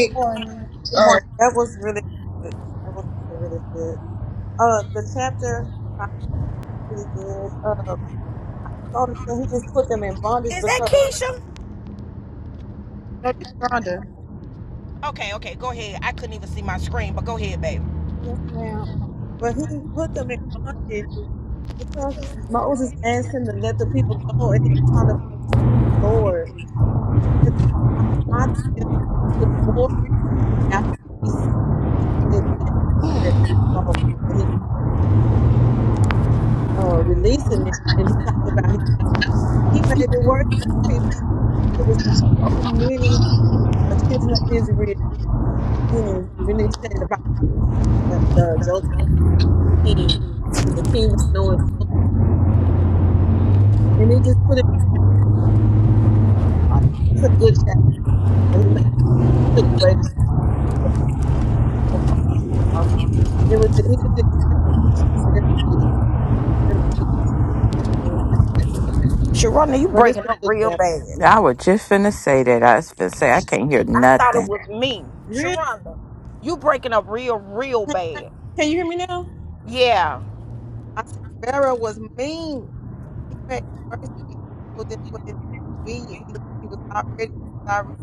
S6: Good morning. Good
S4: um,
S6: morning. That was really that was really, really good. Uh the chapter was pretty good. Uh all the thing- he just put them in bondage
S1: Is that
S6: because
S1: Keisha?
S6: no, this Rhonda.
S1: Okay, okay, go ahead. I couldn't even see my screen, but go ahead, baby.
S6: Yes, ma'am. But he put them in bondage because Moses asked him to let the people go and he was talking about Lord. And My my thing is he put more after he said he did ask them to go. And he uh releasing it and he talked about his He made it worse for the people. because There was so many uh, children of Israel from the beginning. When they said about the, the Joseph king, when the king got knowing Joseph, and it just put him like it's a good chapter. But he made he took away the straw, they would provide the straw, they would go find the straw. It was he was just Pharaoh was just a very mean, very mean, very mean guy. But
S1: Sharonda, you
S6: but it's
S1: breaking
S6: a
S1: up
S6: good
S1: real
S6: chapter.
S1: bad.
S2: I was just finna say that. I was finna say I can't hear
S1: I thought it
S2: nothing.
S1: was me.
S6: Really?
S1: Sharonda, you breaking up real, real bad.
S6: Can you hear me now?
S1: Yeah,
S6: I said Pharaoh was mean. He made it worse than what it needed to be. It, it was already it was already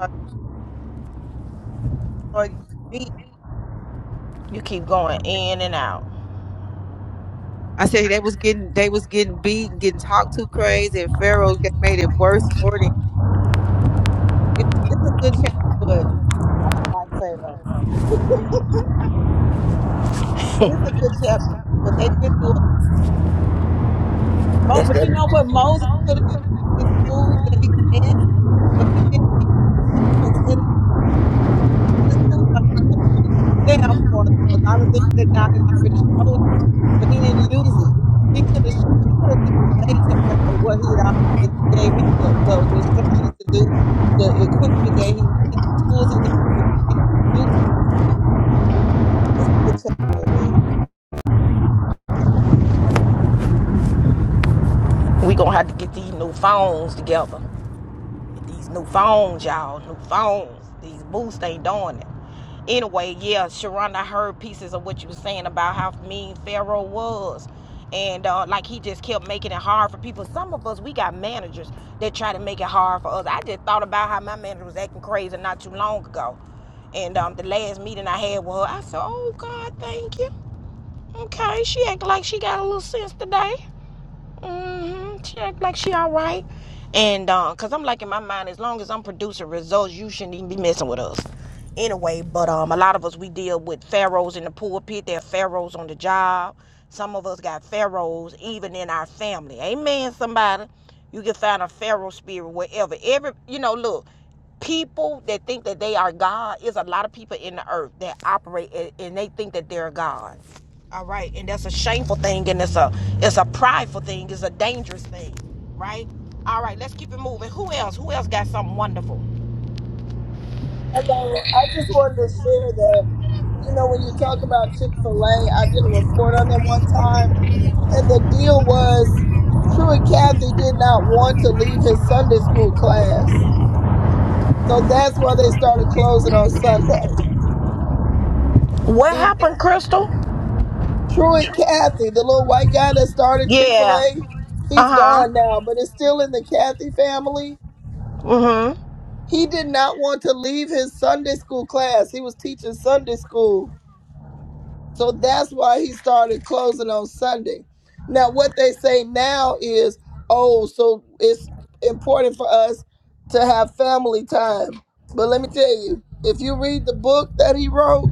S6: uh, started getting beat.
S1: you keep going in and out.
S6: I said they was getting they was getting beat, getting talked to crazy, and Pharaoh get- made it worse for them. It, it's a good chapter, but I don't like Pharaoh. But it's a good chapter. But they went through a lot.
S1: That's
S6: But
S1: that.
S6: you know what? Moses could have used his tools that he had, but he didn't. He didn't use them. And this his tools, like he could have used them for a lot of things that God had already showed him. but he didn't use it. He could have shown, he could have displayed to Pharaoh what he had already gave him the, the instructions to do, the equipment that he needed, the tools he needed, but he did not use them. So, But it's a good chapter, amen.
S1: We gonna have to get these new phones together. These new phones, y'all, new phones. These boots, they doing it. Anyway, yeah, Sharonda, I heard pieces of what you were saying about how mean Pharaoh was. And uh, like he just kept making it hard for people. Some of us, we got managers that try to make it hard for us. I just thought about how my manager was acting crazy not too long ago. And um, the last meeting I had with her, I said, Oh, God, thank you. Okay, she acted like she got a little sense today hmm She act like she all right. And uh, cause I'm like in my mind, as long as I'm producing results, you shouldn't even be messing with us. Anyway, but um, a lot of us we deal with pharaohs in the pulpit. There are pharaohs on the job. Some of us got pharaohs even in our family. Amen. Somebody, you can find a pharaoh spirit wherever. Every you know, look people that think that they are God is a lot of people in the earth that operate and, they think that they're God. All right, and that's a shameful thing, and it's a it's a prideful thing, it's a dangerous thing, right? All right, let's keep it moving. Who else? Who else got something wonderful?
S4: hello. I just wanted to share that. You know, when you talk about Chick Fil A, I did a report on them one time, and the deal was, Truett Cathy did not want to leave his Sunday school class So that's why they started closing on Sunday.
S1: What
S4: He was
S1: happened, Crystal?
S4: Truett Cathy, the little white guy that started Chick fil
S1: Yeah.
S4: A.
S1: Uh
S4: He's
S1: huh.
S4: gone now, but it's still in the Cathy family.
S1: Mm hmm.
S4: He did not want to leave his Sunday school class. He was teaching Sunday school. So that's why he started closing on Sunday. Now, what they say now is oh, so it's important for us to have family time. But let me tell you, if you read the book that he wrote,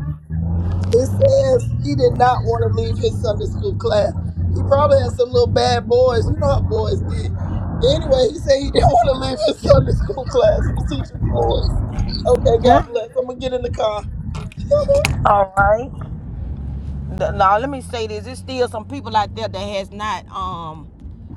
S4: It says he did not want to leave his Sunday school class. He probably had some little bad boys. You know how boys get. Anyway, he said he didn't want to leave his Sunday school class. He was teaching boys. Okay, God
S1: Yeah.
S4: bless. I'm gonna get in the car.
S1: All right. Now let me say this: There's still some people out there that has not um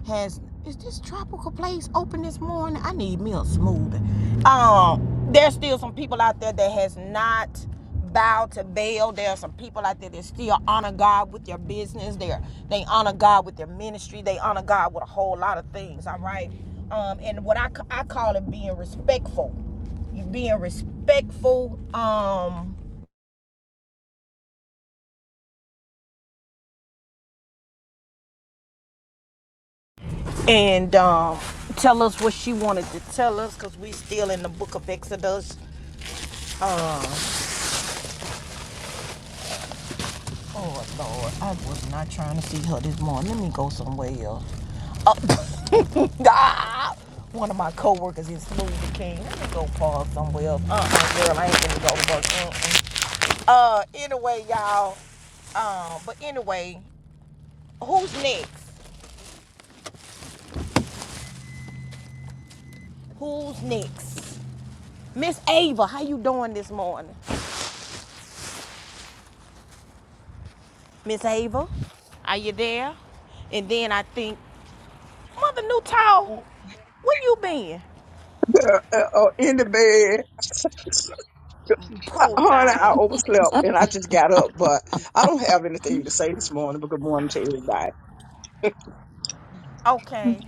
S1: has is this tropical place open this morning? I need me a smoothie. Um, there's still some people out there that has not bowed to Baal. There are some people out there that still honor God with their business. They they honor God with their ministry. They honor God with a whole lot of things. All right. Um, and what I I call it being respectful being respectful um and um, tell us what she wanted to tell us because we still in the book of Exodus. Uh, oh Lord, I was not trying to see her this morning. Let me go somewhere else. Uh, ah! one of my coworkers is smoothie king. Let me go pause somewhere else. Uh-uh, girl, I ain't gonna go to work. Mm-mm. Uh, anyway, y'all. Um, but anyway, who's next? Who's next? Miss Ava, how you doing this morning? Miss Ava, Are you there? And then I think, Mother Newtall,
S7: Oh,
S1: where you been?
S8: uh, uh, uh, in the bed. I-
S1: Poor
S8: Honey, I
S1: thing.
S8: overslept and I just got up, but I don't have anything to say this morning, but good morning to everybody.
S1: Okay.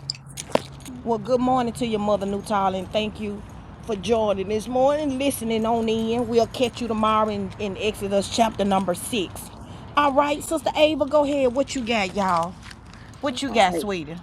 S1: Well, good morning to your Mother Newtall, and thank you for joining this morning, listening on in. We'll catch you tomorrow in, in Exodus chapter number six. All right, Sister Ava, go ahead. What you got, y'all? What you
S7: All
S1: got,
S7: right.
S1: sweetie?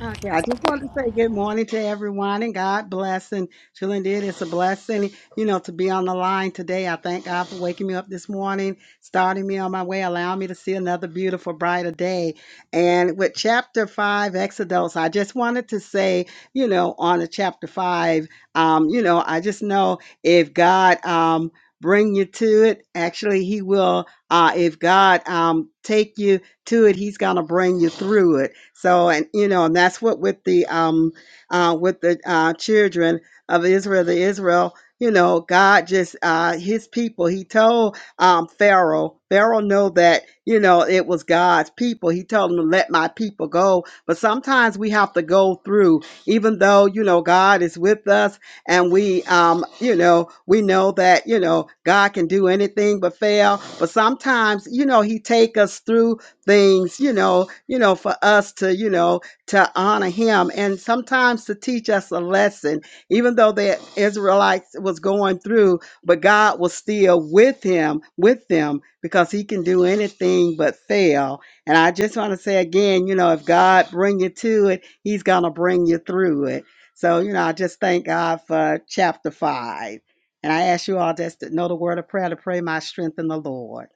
S7: Okay. I just wanted to say good morning to everyone and God bless. And truly indeed, it's a blessing, you know, to be on the line today. I thank God for waking me up this morning, starting me on my way, allowing me to see another beautiful, brighter day. And with chapter five, Exodus, I just wanted to say, you know, on the chapter five, um, you know, I just know if God, um, bring you to it, actually, he will, uh, if God, um, take you to it he's going to bring you through it so and you know and that's what with the um uh with the uh children of israel the israel you know god just uh his people he told um pharaoh pharaoh know that you know it was god's people he told him to let my people go but sometimes we have to go through even though you know god is with us and we um you know we know that you know god can do anything but fail but sometimes you know he take us through things, you know, you know, for us to, you know, to honor him and sometimes to teach us a lesson, even though the Israelites was going through, but God was still with him, with them, because he can do anything but fail. And I just want to say again, you know, if God bring you to it, he's going to bring you through it. So, you know, I just thank God for chapter five. And I ask you all just to know the word of prayer to pray my strength in the Lord.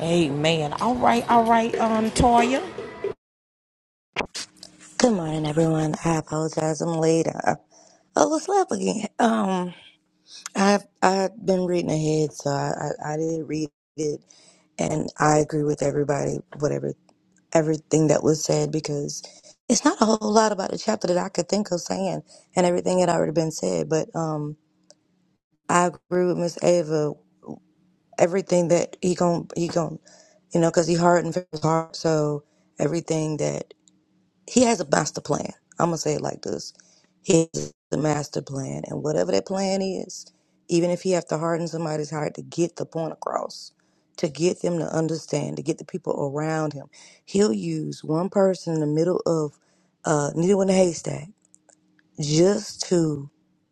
S1: Amen. All right, all right, um, Toya.
S9: Good morning, everyone. I apologize. I'm late. I, I overslept again. Um, I've I've been reading ahead, so I, I I did read it, and I agree with everybody, whatever everything that was said, because it's not a whole lot about the chapter that I could think of saying, and everything had already been said. But um, I agree with Miss Ava. Everything that he gon' he gon' you know, cause he hardened his heart, so everything that He has a master plan. I'm gonna say it like this: He has the master plan, and whatever that plan is, even if he have to harden somebody's heart to get the point across, to get them to understand, to get the people around him, he'll use one person in the middle of uh, needle in a haystack just to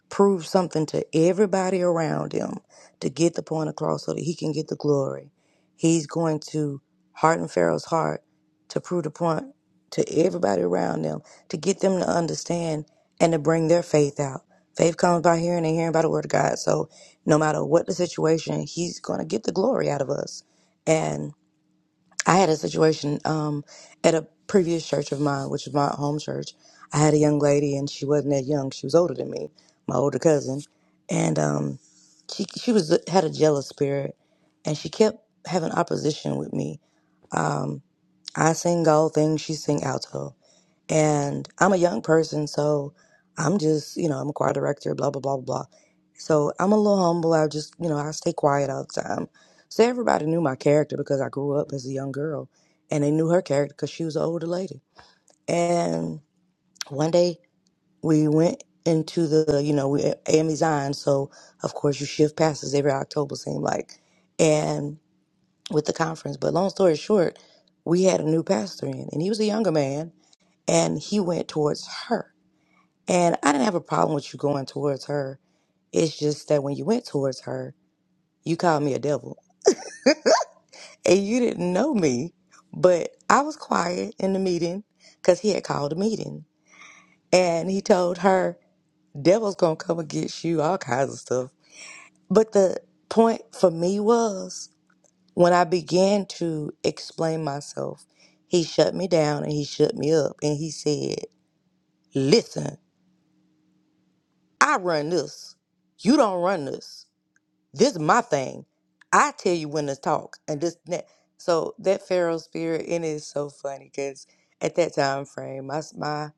S9: prove something to everybody around him to get the point across so that he can get the glory. He's going to harden Pharaoh's heart to prove the point to everybody around them to get them to understand and to bring their faith out. Faith comes by hearing and hearing by the word of God. So no matter what the situation, he's going to get the glory out of us. and. I had a situation um, at a previous church of mine, which is my home church. I had a young lady, and she wasn't that young. She was older than me, my older cousin, and um, she she was had a jealous spirit, and she kept having opposition with me. Um, I sing all things, she sing alto. And I'm a young person, so I'm just, you know, I'm a choir director, blah, blah, blah, blah, blah. So I'm a little humble. I just, you know, I stay quiet all the time. So everybody knew my character because I grew up as a young girl and they knew her character because she was an older lady. And one day we went into the, you know, we AME Zion. So of course you shift passes every October, seem like, and with the conference. But long story short, we had a new pastor in and he was a younger man and he went towards her. And I didn't have a problem with you going towards her. It's just that when you went towards her, you called me a devil. And you didn't know me, but I was quiet in the meeting because he had called a meeting. And he told her, devil's going to come against you, all kinds of stuff. But the point for me was when I began to explain myself, he shut me down and he shut me up. And he said, listen, I run this. You don't run this. This is my thing. I tell you when to talk and this and that. So that Pharaoh spirit, and it's so funny because at that time frame, my s- my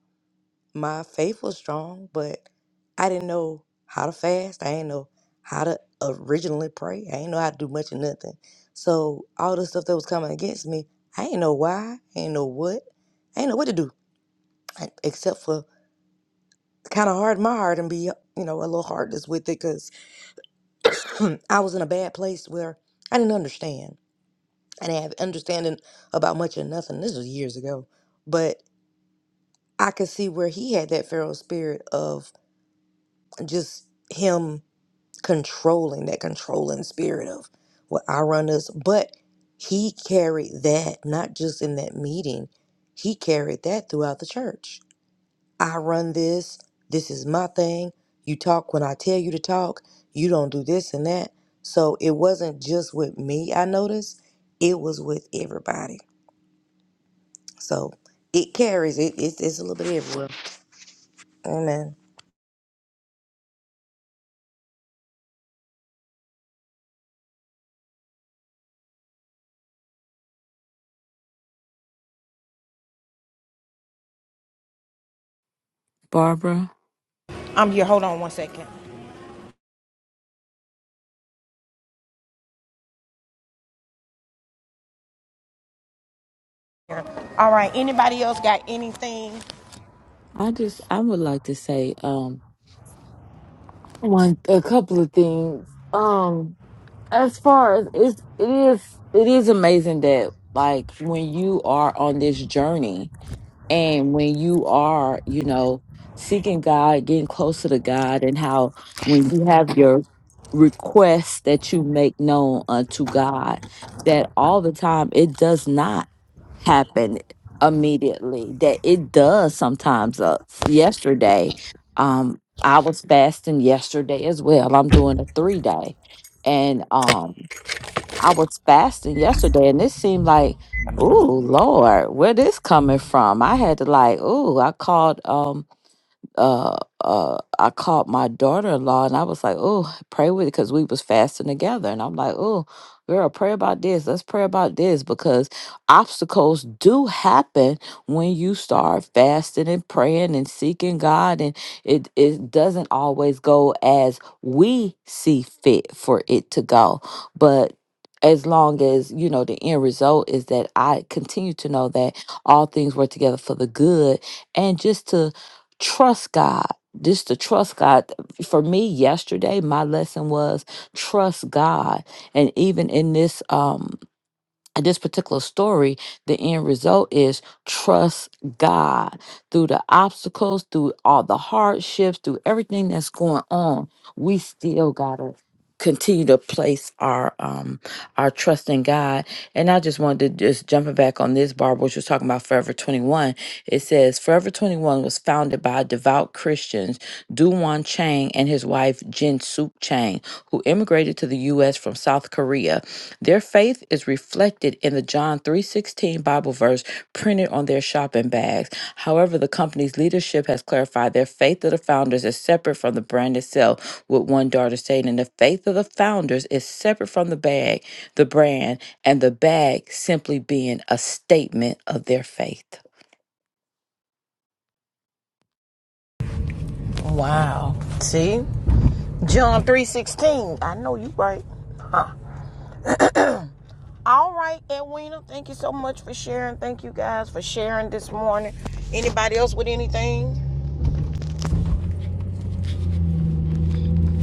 S9: my faith was strong, but I didn't know how to fast. I didn't know how to originally pray. I didn't know how to do much of nothing. So all the stuff that was coming against me, I didn't know why. I didn't know what. I didn't know what to do I- except for kind of harden my heart and be you know a little heartless with it because I was in a bad place where I didn't understand. I didn't have understanding about much or nothing. This was years ago, but I could see where he had that feral spirit of just him controlling that controlling spirit of what I run this. But he carried that not just in that meeting, he carried that throughout the church. I run this. This is my thing. You talk when I tell you to talk. You don't do this and that. So it wasn't just with me. I noticed it was with everybody. So it carries. It, it it's a little bit everywhere. Amen.
S2: Barbara,
S1: I'm here. Hold on one second. All right, anybody else got anything
S2: I just I would like to say um one a couple of things. Um as far as it's it is it is amazing that like when you are on this journey And when you are, you know, seeking God, getting closer to God, and how when you have your requests that you make known unto God, that all the time it does not happen immediately, that it does sometimes. Uh, yesterday, um, I was fasting yesterday as well. I'm doing a three day. And um I was fasting yesterday and it seemed like, ooh, Lord, where this coming from? I had to like, ooh, I called um uh, uh, I called my daughter-in-law and I was like, "Oh, pray with it," because we was fasting together, and I'm like, "Oh, girl, pray about this. Let's pray about this because obstacles do happen when you start fasting and praying and seeking God, and it it doesn't always go as we see fit for it to go, but." As long as you know the end result is that I continue to know that all things work together for the good, and just to trust God. Just to trust God. For me, yesterday, my lesson was trust God. And even in this, um, in this particular story, the end result is trust God through the obstacles, through all the hardships, through everything that's going on. We still gotta continue to place our um our trust in God. And I just wanted to just jumping back on this, Barbara, what you was talking about Forever 21. It says Forever 21 was founded by devout Christians, Duwan Chang and his wife Jin Suk Chang who immigrated to the US from South Korea. Their faith is reflected in the John 3:16 Bible verse printed on their shopping bags. However, the company's leadership has clarified their faith of the founders is separate from the brand itself, with one daughter stating the faith of the founders is separate from the bag, the brand, and the bag simply being a statement of their faith.
S1: Wow. See? John 3:16. I know you right. All right, Edwina, thank you so much for sharing. Thank you guys for sharing this morning. Anybody else with anything?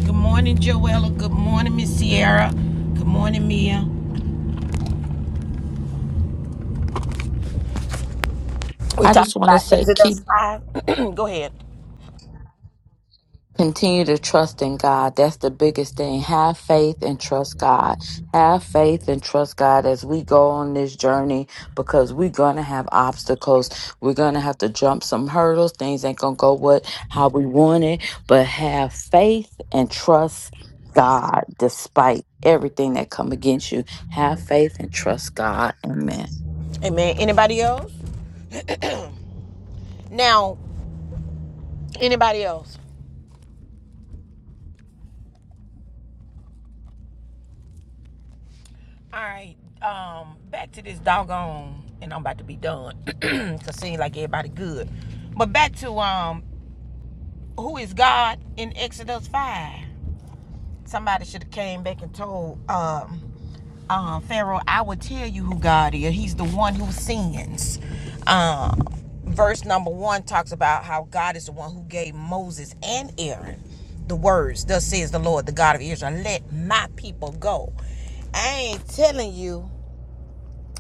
S1: Good morning, Joella. Good morning, Miss Sierra. Good morning, Mia. We
S2: I
S1: talking
S2: just want to
S1: about
S2: say, keep
S1: Exodus 5. Go ahead.
S2: Continue to trust in God. That's the biggest thing. Have faith and trust God. Have faith and trust God as we go on this journey because we're going to have obstacles. We're going to have to jump some hurdles. Things ain't going to go what how we want it, but have faith and trust God despite everything that come against you. Have faith and trust God. Amen.
S1: Amen. Anybody else? Now, anybody else? All right. Um, back to this doggone, and I'm about to be done. Cause seems like everybody good. But back to um who is God in Exodus 5? Somebody should have came back and told um, uh, Pharaoh, I will tell you who God is. He's the one who sins. Uh, verse number one talks about how God is the one who gave Moses and Aaron the words, thus says the Lord, the God of Israel, let my people go. I ain't telling you,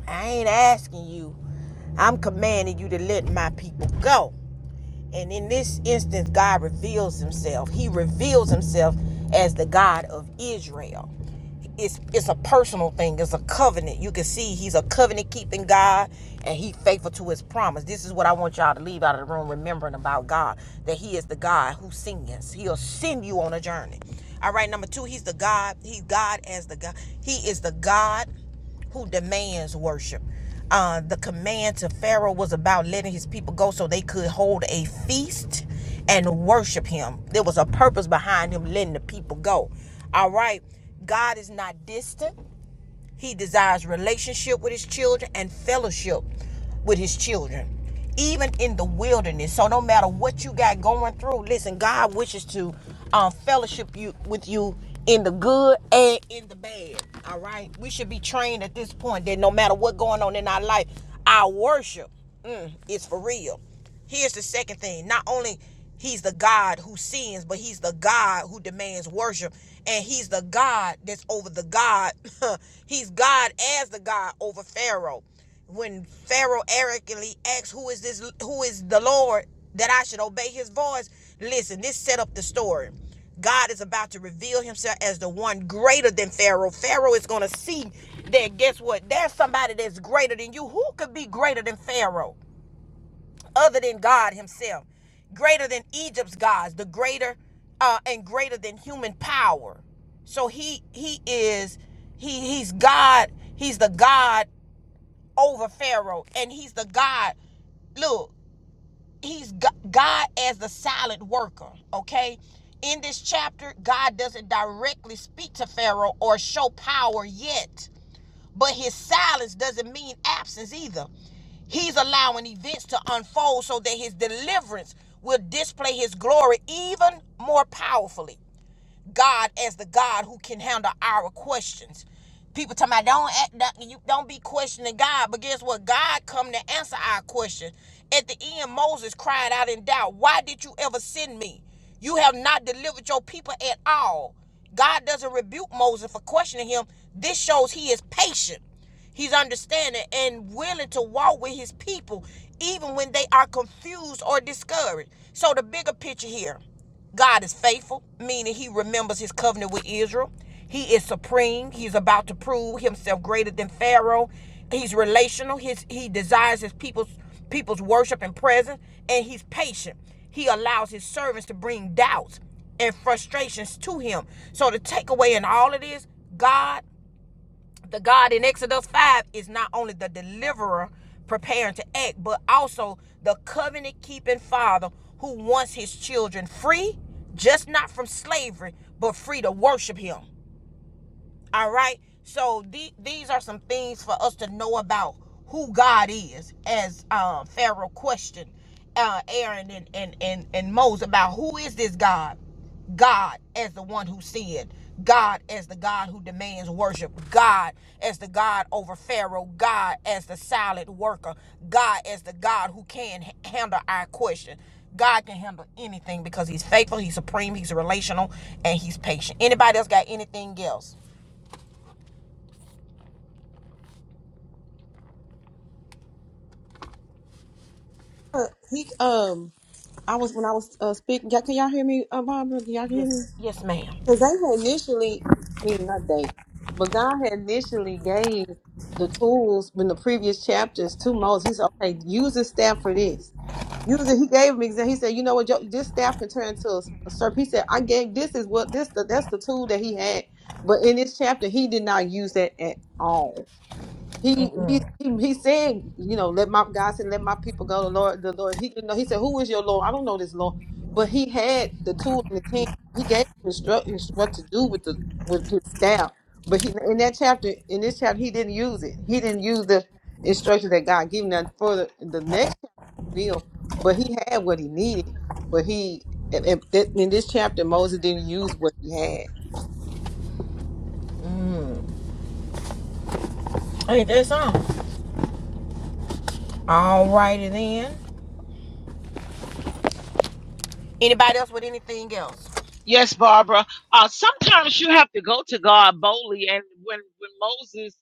S1: I ain't asking you, I'm commanding you to let my people go. And in this instance, God reveals himself. He reveals himself as the God of Israel it's it's a personal thing. It's a covenant. You can see he's a covenant keeping God, and he faithful to his promise. This is what I want y'all to leave out of the room, remembering about God that He is the God who sends. He'll send you on a journey. All right, number two, He's the God. He's God as the God. He is the God who demands worship. Uh, the command to Pharaoh was about letting his people go so they could hold a feast and worship him. There was a purpose behind him letting the people go. All right. God is not distant. He desires relationship with his children and fellowship with his children, even in the wilderness. So no matter what you got going through, listen, God wishes to um, fellowship you with you in the good and in the bad. All right, we should be trained at this point that no matter what going on in our life, our worship mm, is for real. Here's the second thing. Not only he's the God who sins, but he's the God who demands worship. And he's the God that's over the God. he's God as the God over Pharaoh. When Pharaoh arrogantly asks, Who is this who is the Lord that I should obey his voice? Listen, this set up the story. God is about to reveal himself as the one greater than Pharaoh. Pharaoh is going to see that, guess what? There's somebody that's greater than you. Who could be greater than Pharaoh? other than God Himself, greater than Egypt's gods, the greater uh, and greater than human power. So he he is he he's God. He's the God over Pharaoh, and he's the God. Look, he's God as the silent worker. Okay. In this chapter, God doesn't directly speak to Pharaoh or show power yet but his silence doesn't mean absence either. He's allowing events to unfold so that his deliverance will display his glory even more powerfully. God as the God who can handle our questions. People talking about don't act, do you don't be questioning God, but guess what? God come to answer our question. At the end, Moses cried out in doubt, "Why did you ever send me? You have not delivered your people at all." God doesn't rebuke Moses for questioning him. This shows he is patient. He's understanding and willing to walk with his people even when they are confused or discouraged. So, the bigger picture here God is faithful, meaning he remembers his covenant with Israel. He is supreme. He's about to prove himself greater than Pharaoh. He's relational. His, he desires his people's people's worship and presence, and he's patient. He allows his servants to bring doubts and frustrations to him. So the takeaway in all of this, God the God in Exodus 5 is not only the deliverer preparing to act, but also the covenant keeping father who wants his children free, just not from slavery, but free to worship him. All right. So the- these are some things for us to know about who God is, as uh, Pharaoh questioned uh, Aaron and, and, and, and Moses about who is this God? God as the one who sinned, God as the God who demands worship, God as the God over Pharaoh, God as the silent worker, God as the God who can handle our question. God can handle anything because he's faithful, he's supreme, he's relational, and he's patient. Anybody else got anything else?
S6: Uh, He um, I was when I was uh, speaking. Y'all, can y'all hear me, uh, Barbara? Can y'all hear
S1: Yes,
S6: me?
S1: yes, ma'am.
S6: Because they had initially, I mean, not they, but God had initially gave the tools in the previous chapters to Moses. He said, okay, use this staff for this. Use it. He gave him example. He said, you know what, your, this staff can turn into a, a serpent. He said, I gave this is what this the, that's the tool that he had. But in this chapter, he did not use that at all. He he
S1: Mhm.
S6: he, he said, you know, let my God said, let my people go. The Lord, the Lord. He didn't know. He said, who is your Lord? I don't know this Lord, but he had the tool in his hand. He gave him instructions what to do with the with his staff. But he in that chapter, in this chapter, he didn't use it. He didn't use the instructions that God gave him. Now, for the, the next chapter, will, but he had what he needed. But he in in- in this chapter, Moses didn't use what he had.
S1: Ain't that something? All righty then. Anybody else with anything else?
S5: Yes, Barbara. Uh, sometimes you have to go to God boldly. And when, when Moses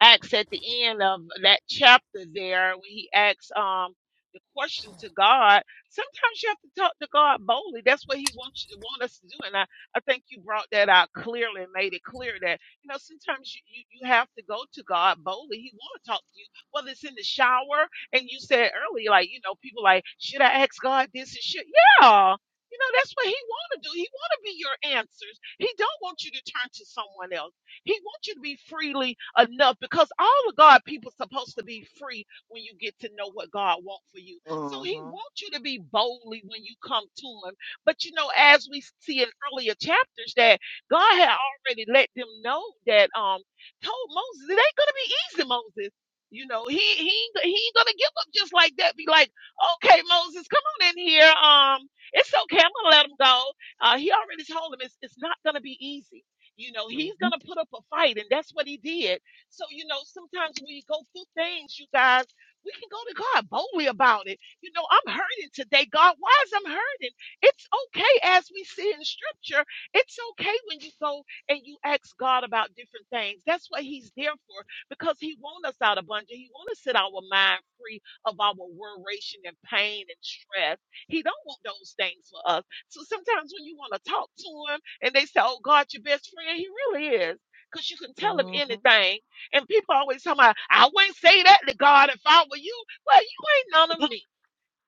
S5: asks at the end of that chapter there, when he asks um, the question to God, sometimes you have to talk to God boldly. That's what he wants you to want us to do. And I, I think you brought that out clearly and made it clear that, you know, sometimes you, you, you have to go to God boldly. He want to talk to you, whether it's in the shower. And you said earlier, like, you know, people like, should I ask God this and shit? Yeah. You know, that's what he want to do. He want to be your answers. He don't want you to turn to someone else. He wants you to be freely enough because all of God people supposed to be free when you get to know what God wants for you. So he
S1: Mm-hmm.
S5: wants you to be boldly when you come to him. But you know, as we see in earlier chapters, that God had already let them know that um told Moses it ain't gonna be easy, Moses. You know, he he he ain't gonna give up just like that. Be like, okay, Moses, come on in here. Um it's okay. I'm gonna let him go. Uh, he already told him it's it's not gonna be easy. You know, he's gonna put up a fight, and that's what he did. So, you know, sometimes when you go through things, you guys, we can go to God boldly about it. You know, I'm hurting today, God. Why is I'm hurting? It's okay, as we see in Scripture. It's okay when you go and you ask God about different things. That's what He's there for, because He wants us out abundant. He wants to set our mind free of our worration and pain and stress. He don't want those things for us. So sometimes when you want to talk to him and they say, "Oh, God, your best friend," he really is, because you can tell him
S1: Mm-hmm.
S5: anything. And people always talk about, "I wouldn't say that to God if I were you." Well, you ain't none of me.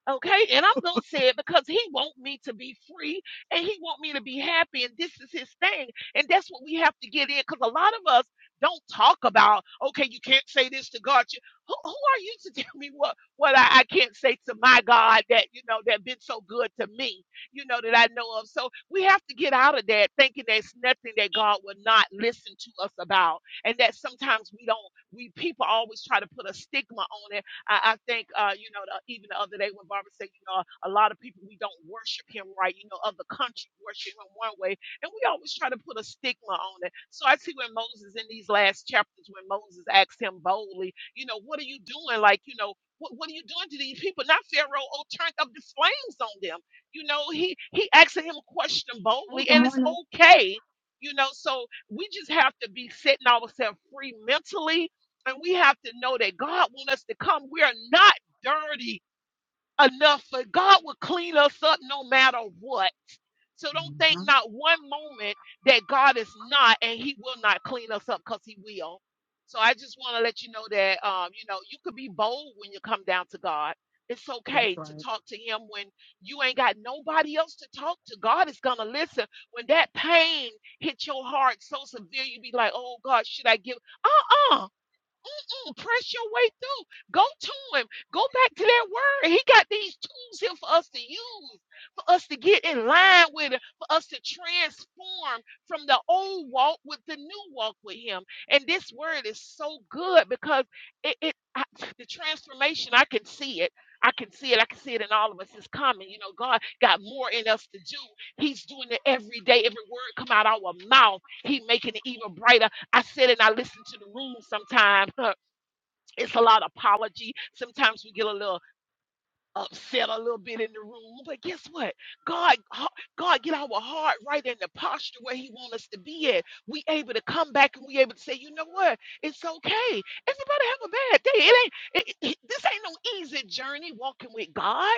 S5: Okay, and I'm gonna say it because he want me to be free and he want me to be happy, and this is his thing, and that's what we have to get in. Because a lot of us don't talk about, okay, you can't say this to God. You- Who, who are you to tell me what what I, I can't say to my God that you know that been so good to me, you know that I know of. So we have to get out of that thinking there's nothing that God will not listen to us about, and that sometimes we don't. We people always try to put a stigma on it I, I think, uh, you know, the, even the other day when Barbara said, you know, a lot of people, we don't worship him right. You know, other countries worship him one way. And we always try to put a stigma on it. So I see when Moses, in these last chapters, when Moses asked him boldly, you know, what are you doing? Like, you know, what, what are you doing to these people? Not Pharaoh, oh, turned up the flames on them. You know, he, he asked him a question boldly, and it's okay. You know, so we just have to be setting ourselves free mentally and we have to know that God wants us to come. We are not dirty enough for God will clean us up no matter what. So don't think not one moment that God is not and he will not clean us up because he will. So I just want to let you know that um, you know, you could be bold when you come down to God. It's okay to talk to him when you ain't got nobody else to talk to. God is gonna listen. When that pain hit your heart so severe, you be like, oh God, should I give uh-uh through. Press your way through. Go to him. Go back to that word. He got these tools here for us to use, for us to get in line with it, for us to transform from the old walk with the new walk with him. And this word is so good because it, it I, the transformation, I can see it. I can see it. I can see it in all of us. It's coming. You know, God got more in us to do. He's doing it every day. Every word come out our mouth. He making it even brighter. I sit and I listen to the room sometimes it's a lot of apology. Sometimes we get a little upset a little bit in the room, but guess what? God, ha- God, get our heart right in the posture where He wants us to be at. We able to come back and we able to say, you know what? It's okay. Everybody have a bad day. It ain't. It, it- this ain't no easy journey walking with God.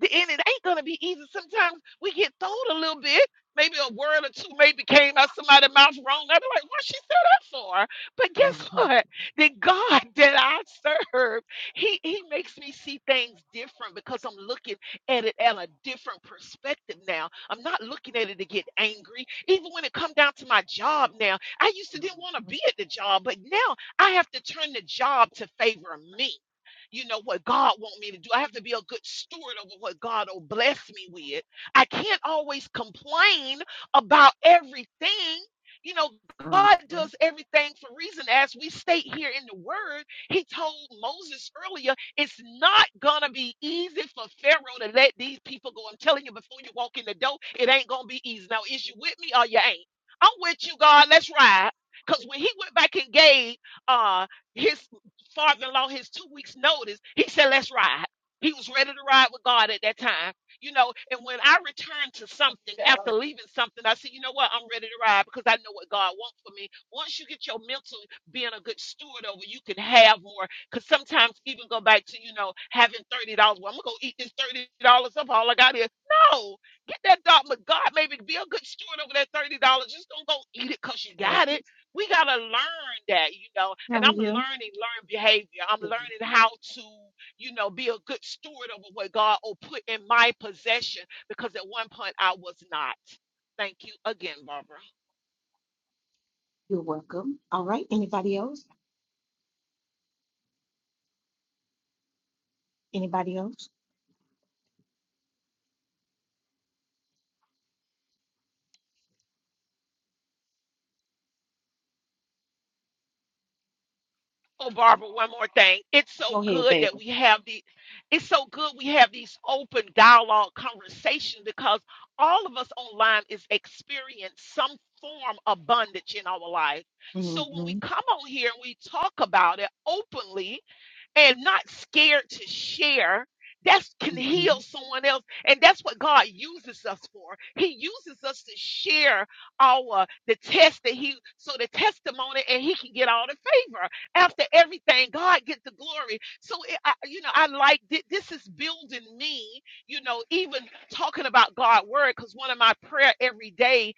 S5: The- And it ain't gonna be easy. Sometimes we get told a little bit. Maybe a word or two maybe came out somebody's mouth wrong. I'd be like, what she said that for? But guess
S1: Mm-hmm.
S5: what? The God that I serve, he, he makes me see things different because I'm looking at it at a different perspective now. I'm not looking at it to get angry. Even when it come down to my job now, I used to didn't want to be at the job, but now I have to turn the job to favor me you know what God wants me to do. I have to be a good steward over what God will bless me with. I can't always complain about everything. You know, God does everything for reason. As we state here in the word, he told Moses earlier, it's not gonna be easy for Pharaoh to let these people go. I'm telling you, before you walk in the door, it ain't gonna be easy. Now, is you with me or you ain't? I'm with you, God. Let's ride. Because when he went back and gave uh, his father-in-law his two weeks notice he said let's ride he was ready to ride with god at that time you know and when i return to something after leaving something i said you know what i'm ready to ride because i know what god wants for me once you get your mental being a good steward over you can have more because sometimes even go back to you know having $30 well i'm gonna go eat this $30 up all i got is no get that dog but god maybe be a good steward over that $30 just don't go eat it because you
S1: Today.
S5: got it we got to learn that, you know,
S1: How
S5: and
S1: are
S5: I'm learning
S1: you?
S5: learned behavior. I'm
S1: Good.
S5: learning how to, you know, be a good steward over what God will put in my possession because at one point I was not. Thank you again, Barbara.
S1: You're welcome. All right. Anybody else? Anybody else?
S5: Oh, Barbara, one more thing. It's so
S1: Go ahead,
S5: good that
S1: baby.
S5: we have the it's so good we have these open dialogue conversations because all of us online is experience some form of bondage in our life. So when
S1: Mm-hmm.
S5: we come on here and we talk about it openly, and not scared to share that
S1: Mm-hmm.
S5: can heal
S1: Mm-hmm.
S5: someone else and that's what god uses us for he uses us to share our the test that he so the testimony and he can get all the favor after everything god get the glory so it, I, you know i like thi- this is building me you know even talking about god word because one of my prayer every day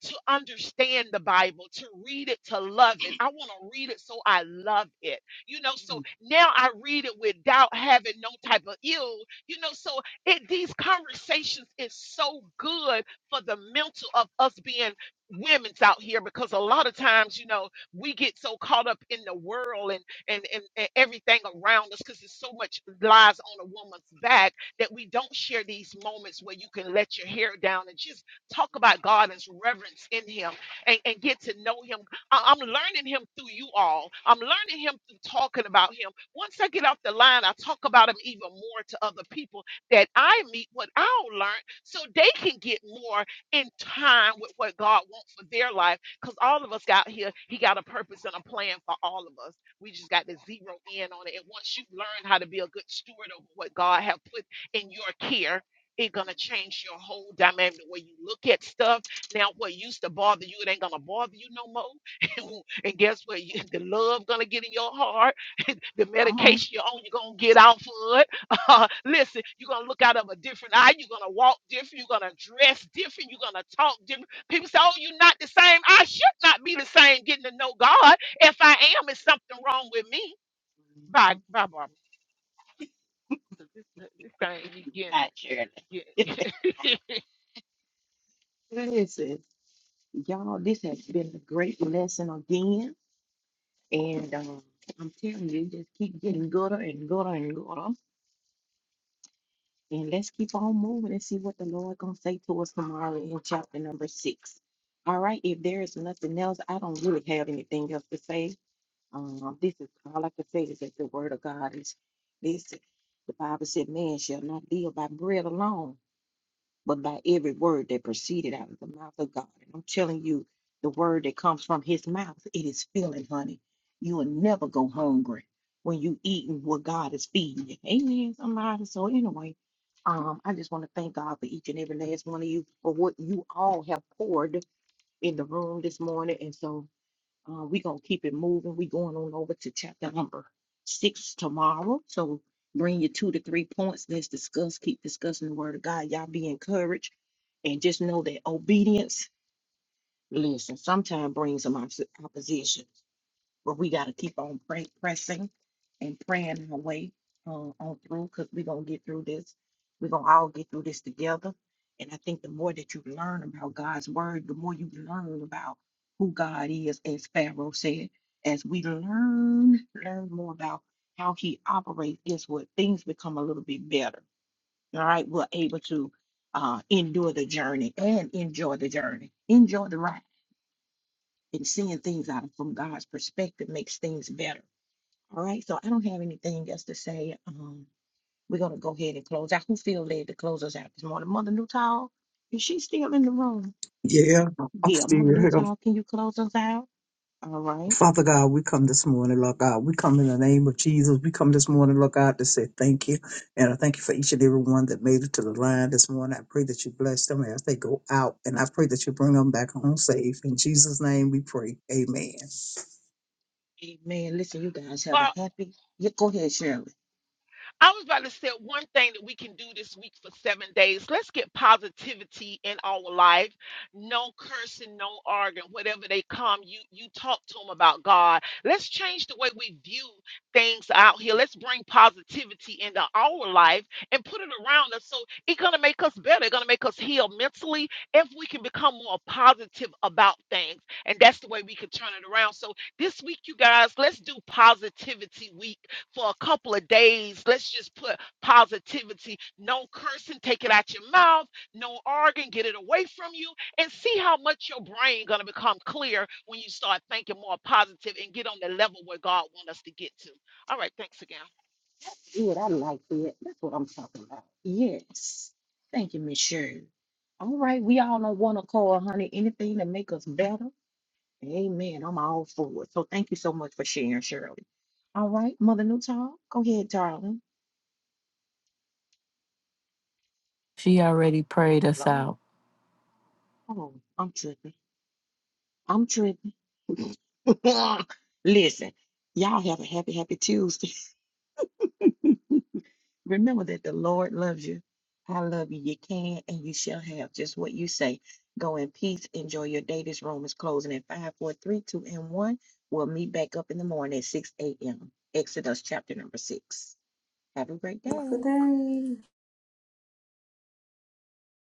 S5: to understand the Bible, to read it, to love it. I want to read it so I love it you know so now i read it without having no type of ill you know so it these conversations is so good for the mental of us being women's out here because a lot of times you know we get so caught up in the world and and and, and everything around us because there's so much lies on a woman's back that we don't share these moments where you can let your hair down and just talk about god and His reverence in him and, and get to know him I- I'm learning him through you all. I'm learning him through talking about him. Once I get off the line, I talk about him even more to other people that I meet, what I'll learn, so they can get more in time with what God wants for their life. Because all of us got here, He got a purpose and a plan for all of us. We just got to zero in on it. And once you learn how to be a good steward over what God have put in your care, it's gonna change your whole dynamic the way you look at stuff. Now, what used to bother you, it ain't gonna bother you no more. And guess what? You, the love gonna get in your heart. the
S1: Come on.
S5: medication you're on, you're gonna get off of it. Uh, listen, you're gonna look out of a different eye. You're gonna walk different. You're gonna dress different. You're gonna talk different. People say, "Oh, you're not the same." I should not be the same. Getting to know God. If I am, it's something wrong with me. Bye,
S1: Mhm.
S5: bye, Barbara. This thing, you
S1: Not surely.
S5: getting, getting.
S1: Listen, y'all, this has been a great lesson again. And um, I'm telling you, just keep getting gooder and gooder and gooder. And let's keep on moving and see what the Lord gonna say to us tomorrow in chapter number six. All right, if there is nothing else, I don't really have anything else to say. Um, this is all I can say is that the word of God is listen. The Bible said, Man shall not live by bread alone, but by every word that proceeded out of the mouth of God. And I'm telling you, the word that comes from his mouth, it is filling, honey. You will never go hungry when you eating what God is feeding you. Amen, somebody. So anyway, um, I just want to thank God for each and every last one of you for what you all have poured in the room this morning. And so uh, we gonna keep it moving. We going on over to chapter number six tomorrow. So bring your two to three points. Let's discuss, keep discussing the word of God. Y'all be encouraged and just know that obedience, listen, sometimes brings some opposi- opposition but we got to keep on pray, pressing and praying our way uh, on through because we're going to get through this. We're going to all get through this together. And I think the more that you learn about God's word, the more you learn about who God is, as Pharaoh said. As we learn, learn more about how he operates, guess what? Things become a little bit better. All right. We're able to uh, endure the journey and enjoy the journey, enjoy the ride, and seeing things out from God's perspective makes things better all right, so I don't have anything else to say. Um, we're gonna go ahead and close out. Who feel led to close us out this morning? Mother Newtall, is she still in the room?
S8: Yeah, I'm
S1: Yeah,
S8: still
S1: Mother
S8: here.
S1: Newtall, can you close us out? All right.
S8: Father God, we come this morning, Lord God. We come in the name of Jesus. We come this morning, Lord God, to say thank you. And I thank you for each and every one that made it to the line this morning. I pray that you bless them as they go out. And I pray that you bring them back home safe. In Jesus' name we pray. Amen.
S1: Amen. Listen, you guys have a happy. Yeah, go ahead, Shirley.
S5: I was about to say one thing that we can do this week for seven days. Let's get positivity in our life. No cursing, no arguing. Whatever they come, you you talk to them about God. Let's change the way we view things out here. Let's bring positivity into our life and put it around us. So it's gonna make us better. It's gonna make us heal mentally if we can become more positive about things. And that's the way we can turn it around. So this week, you guys, let's do positivity week for a couple of days. Let's just put positivity, no cursing, take it out your mouth, no arguing, get it away from you, and see how much your brain gonna become clear when you start thinking more positive and get on the level where God wants us to get to. All right, thanks again.
S1: Do what I like for it. That's what I'm talking about. Yes. Thank you, Miss Shirley. All right, we all on one accord, honey. Anything to make us better. Amen. I'm all for it. So thank you so much for sharing, Shirley. All right, Mother Newtall, go ahead, darling.
S2: She already prayed us out.
S1: Hello? Oh, I'm tripping. I'm tripping. Listen, y'all have a happy, happy Tuesday. Remember that the Lord loves you. I love you. You can and you shall have just what you say. Go in peace. Enjoy your day. This room is closing at five, four, three, two, and 1. We'll meet back up in the morning at 6 a.m. Exodus chapter number 6. Have a great
S6: Good
S1: day.
S6: day.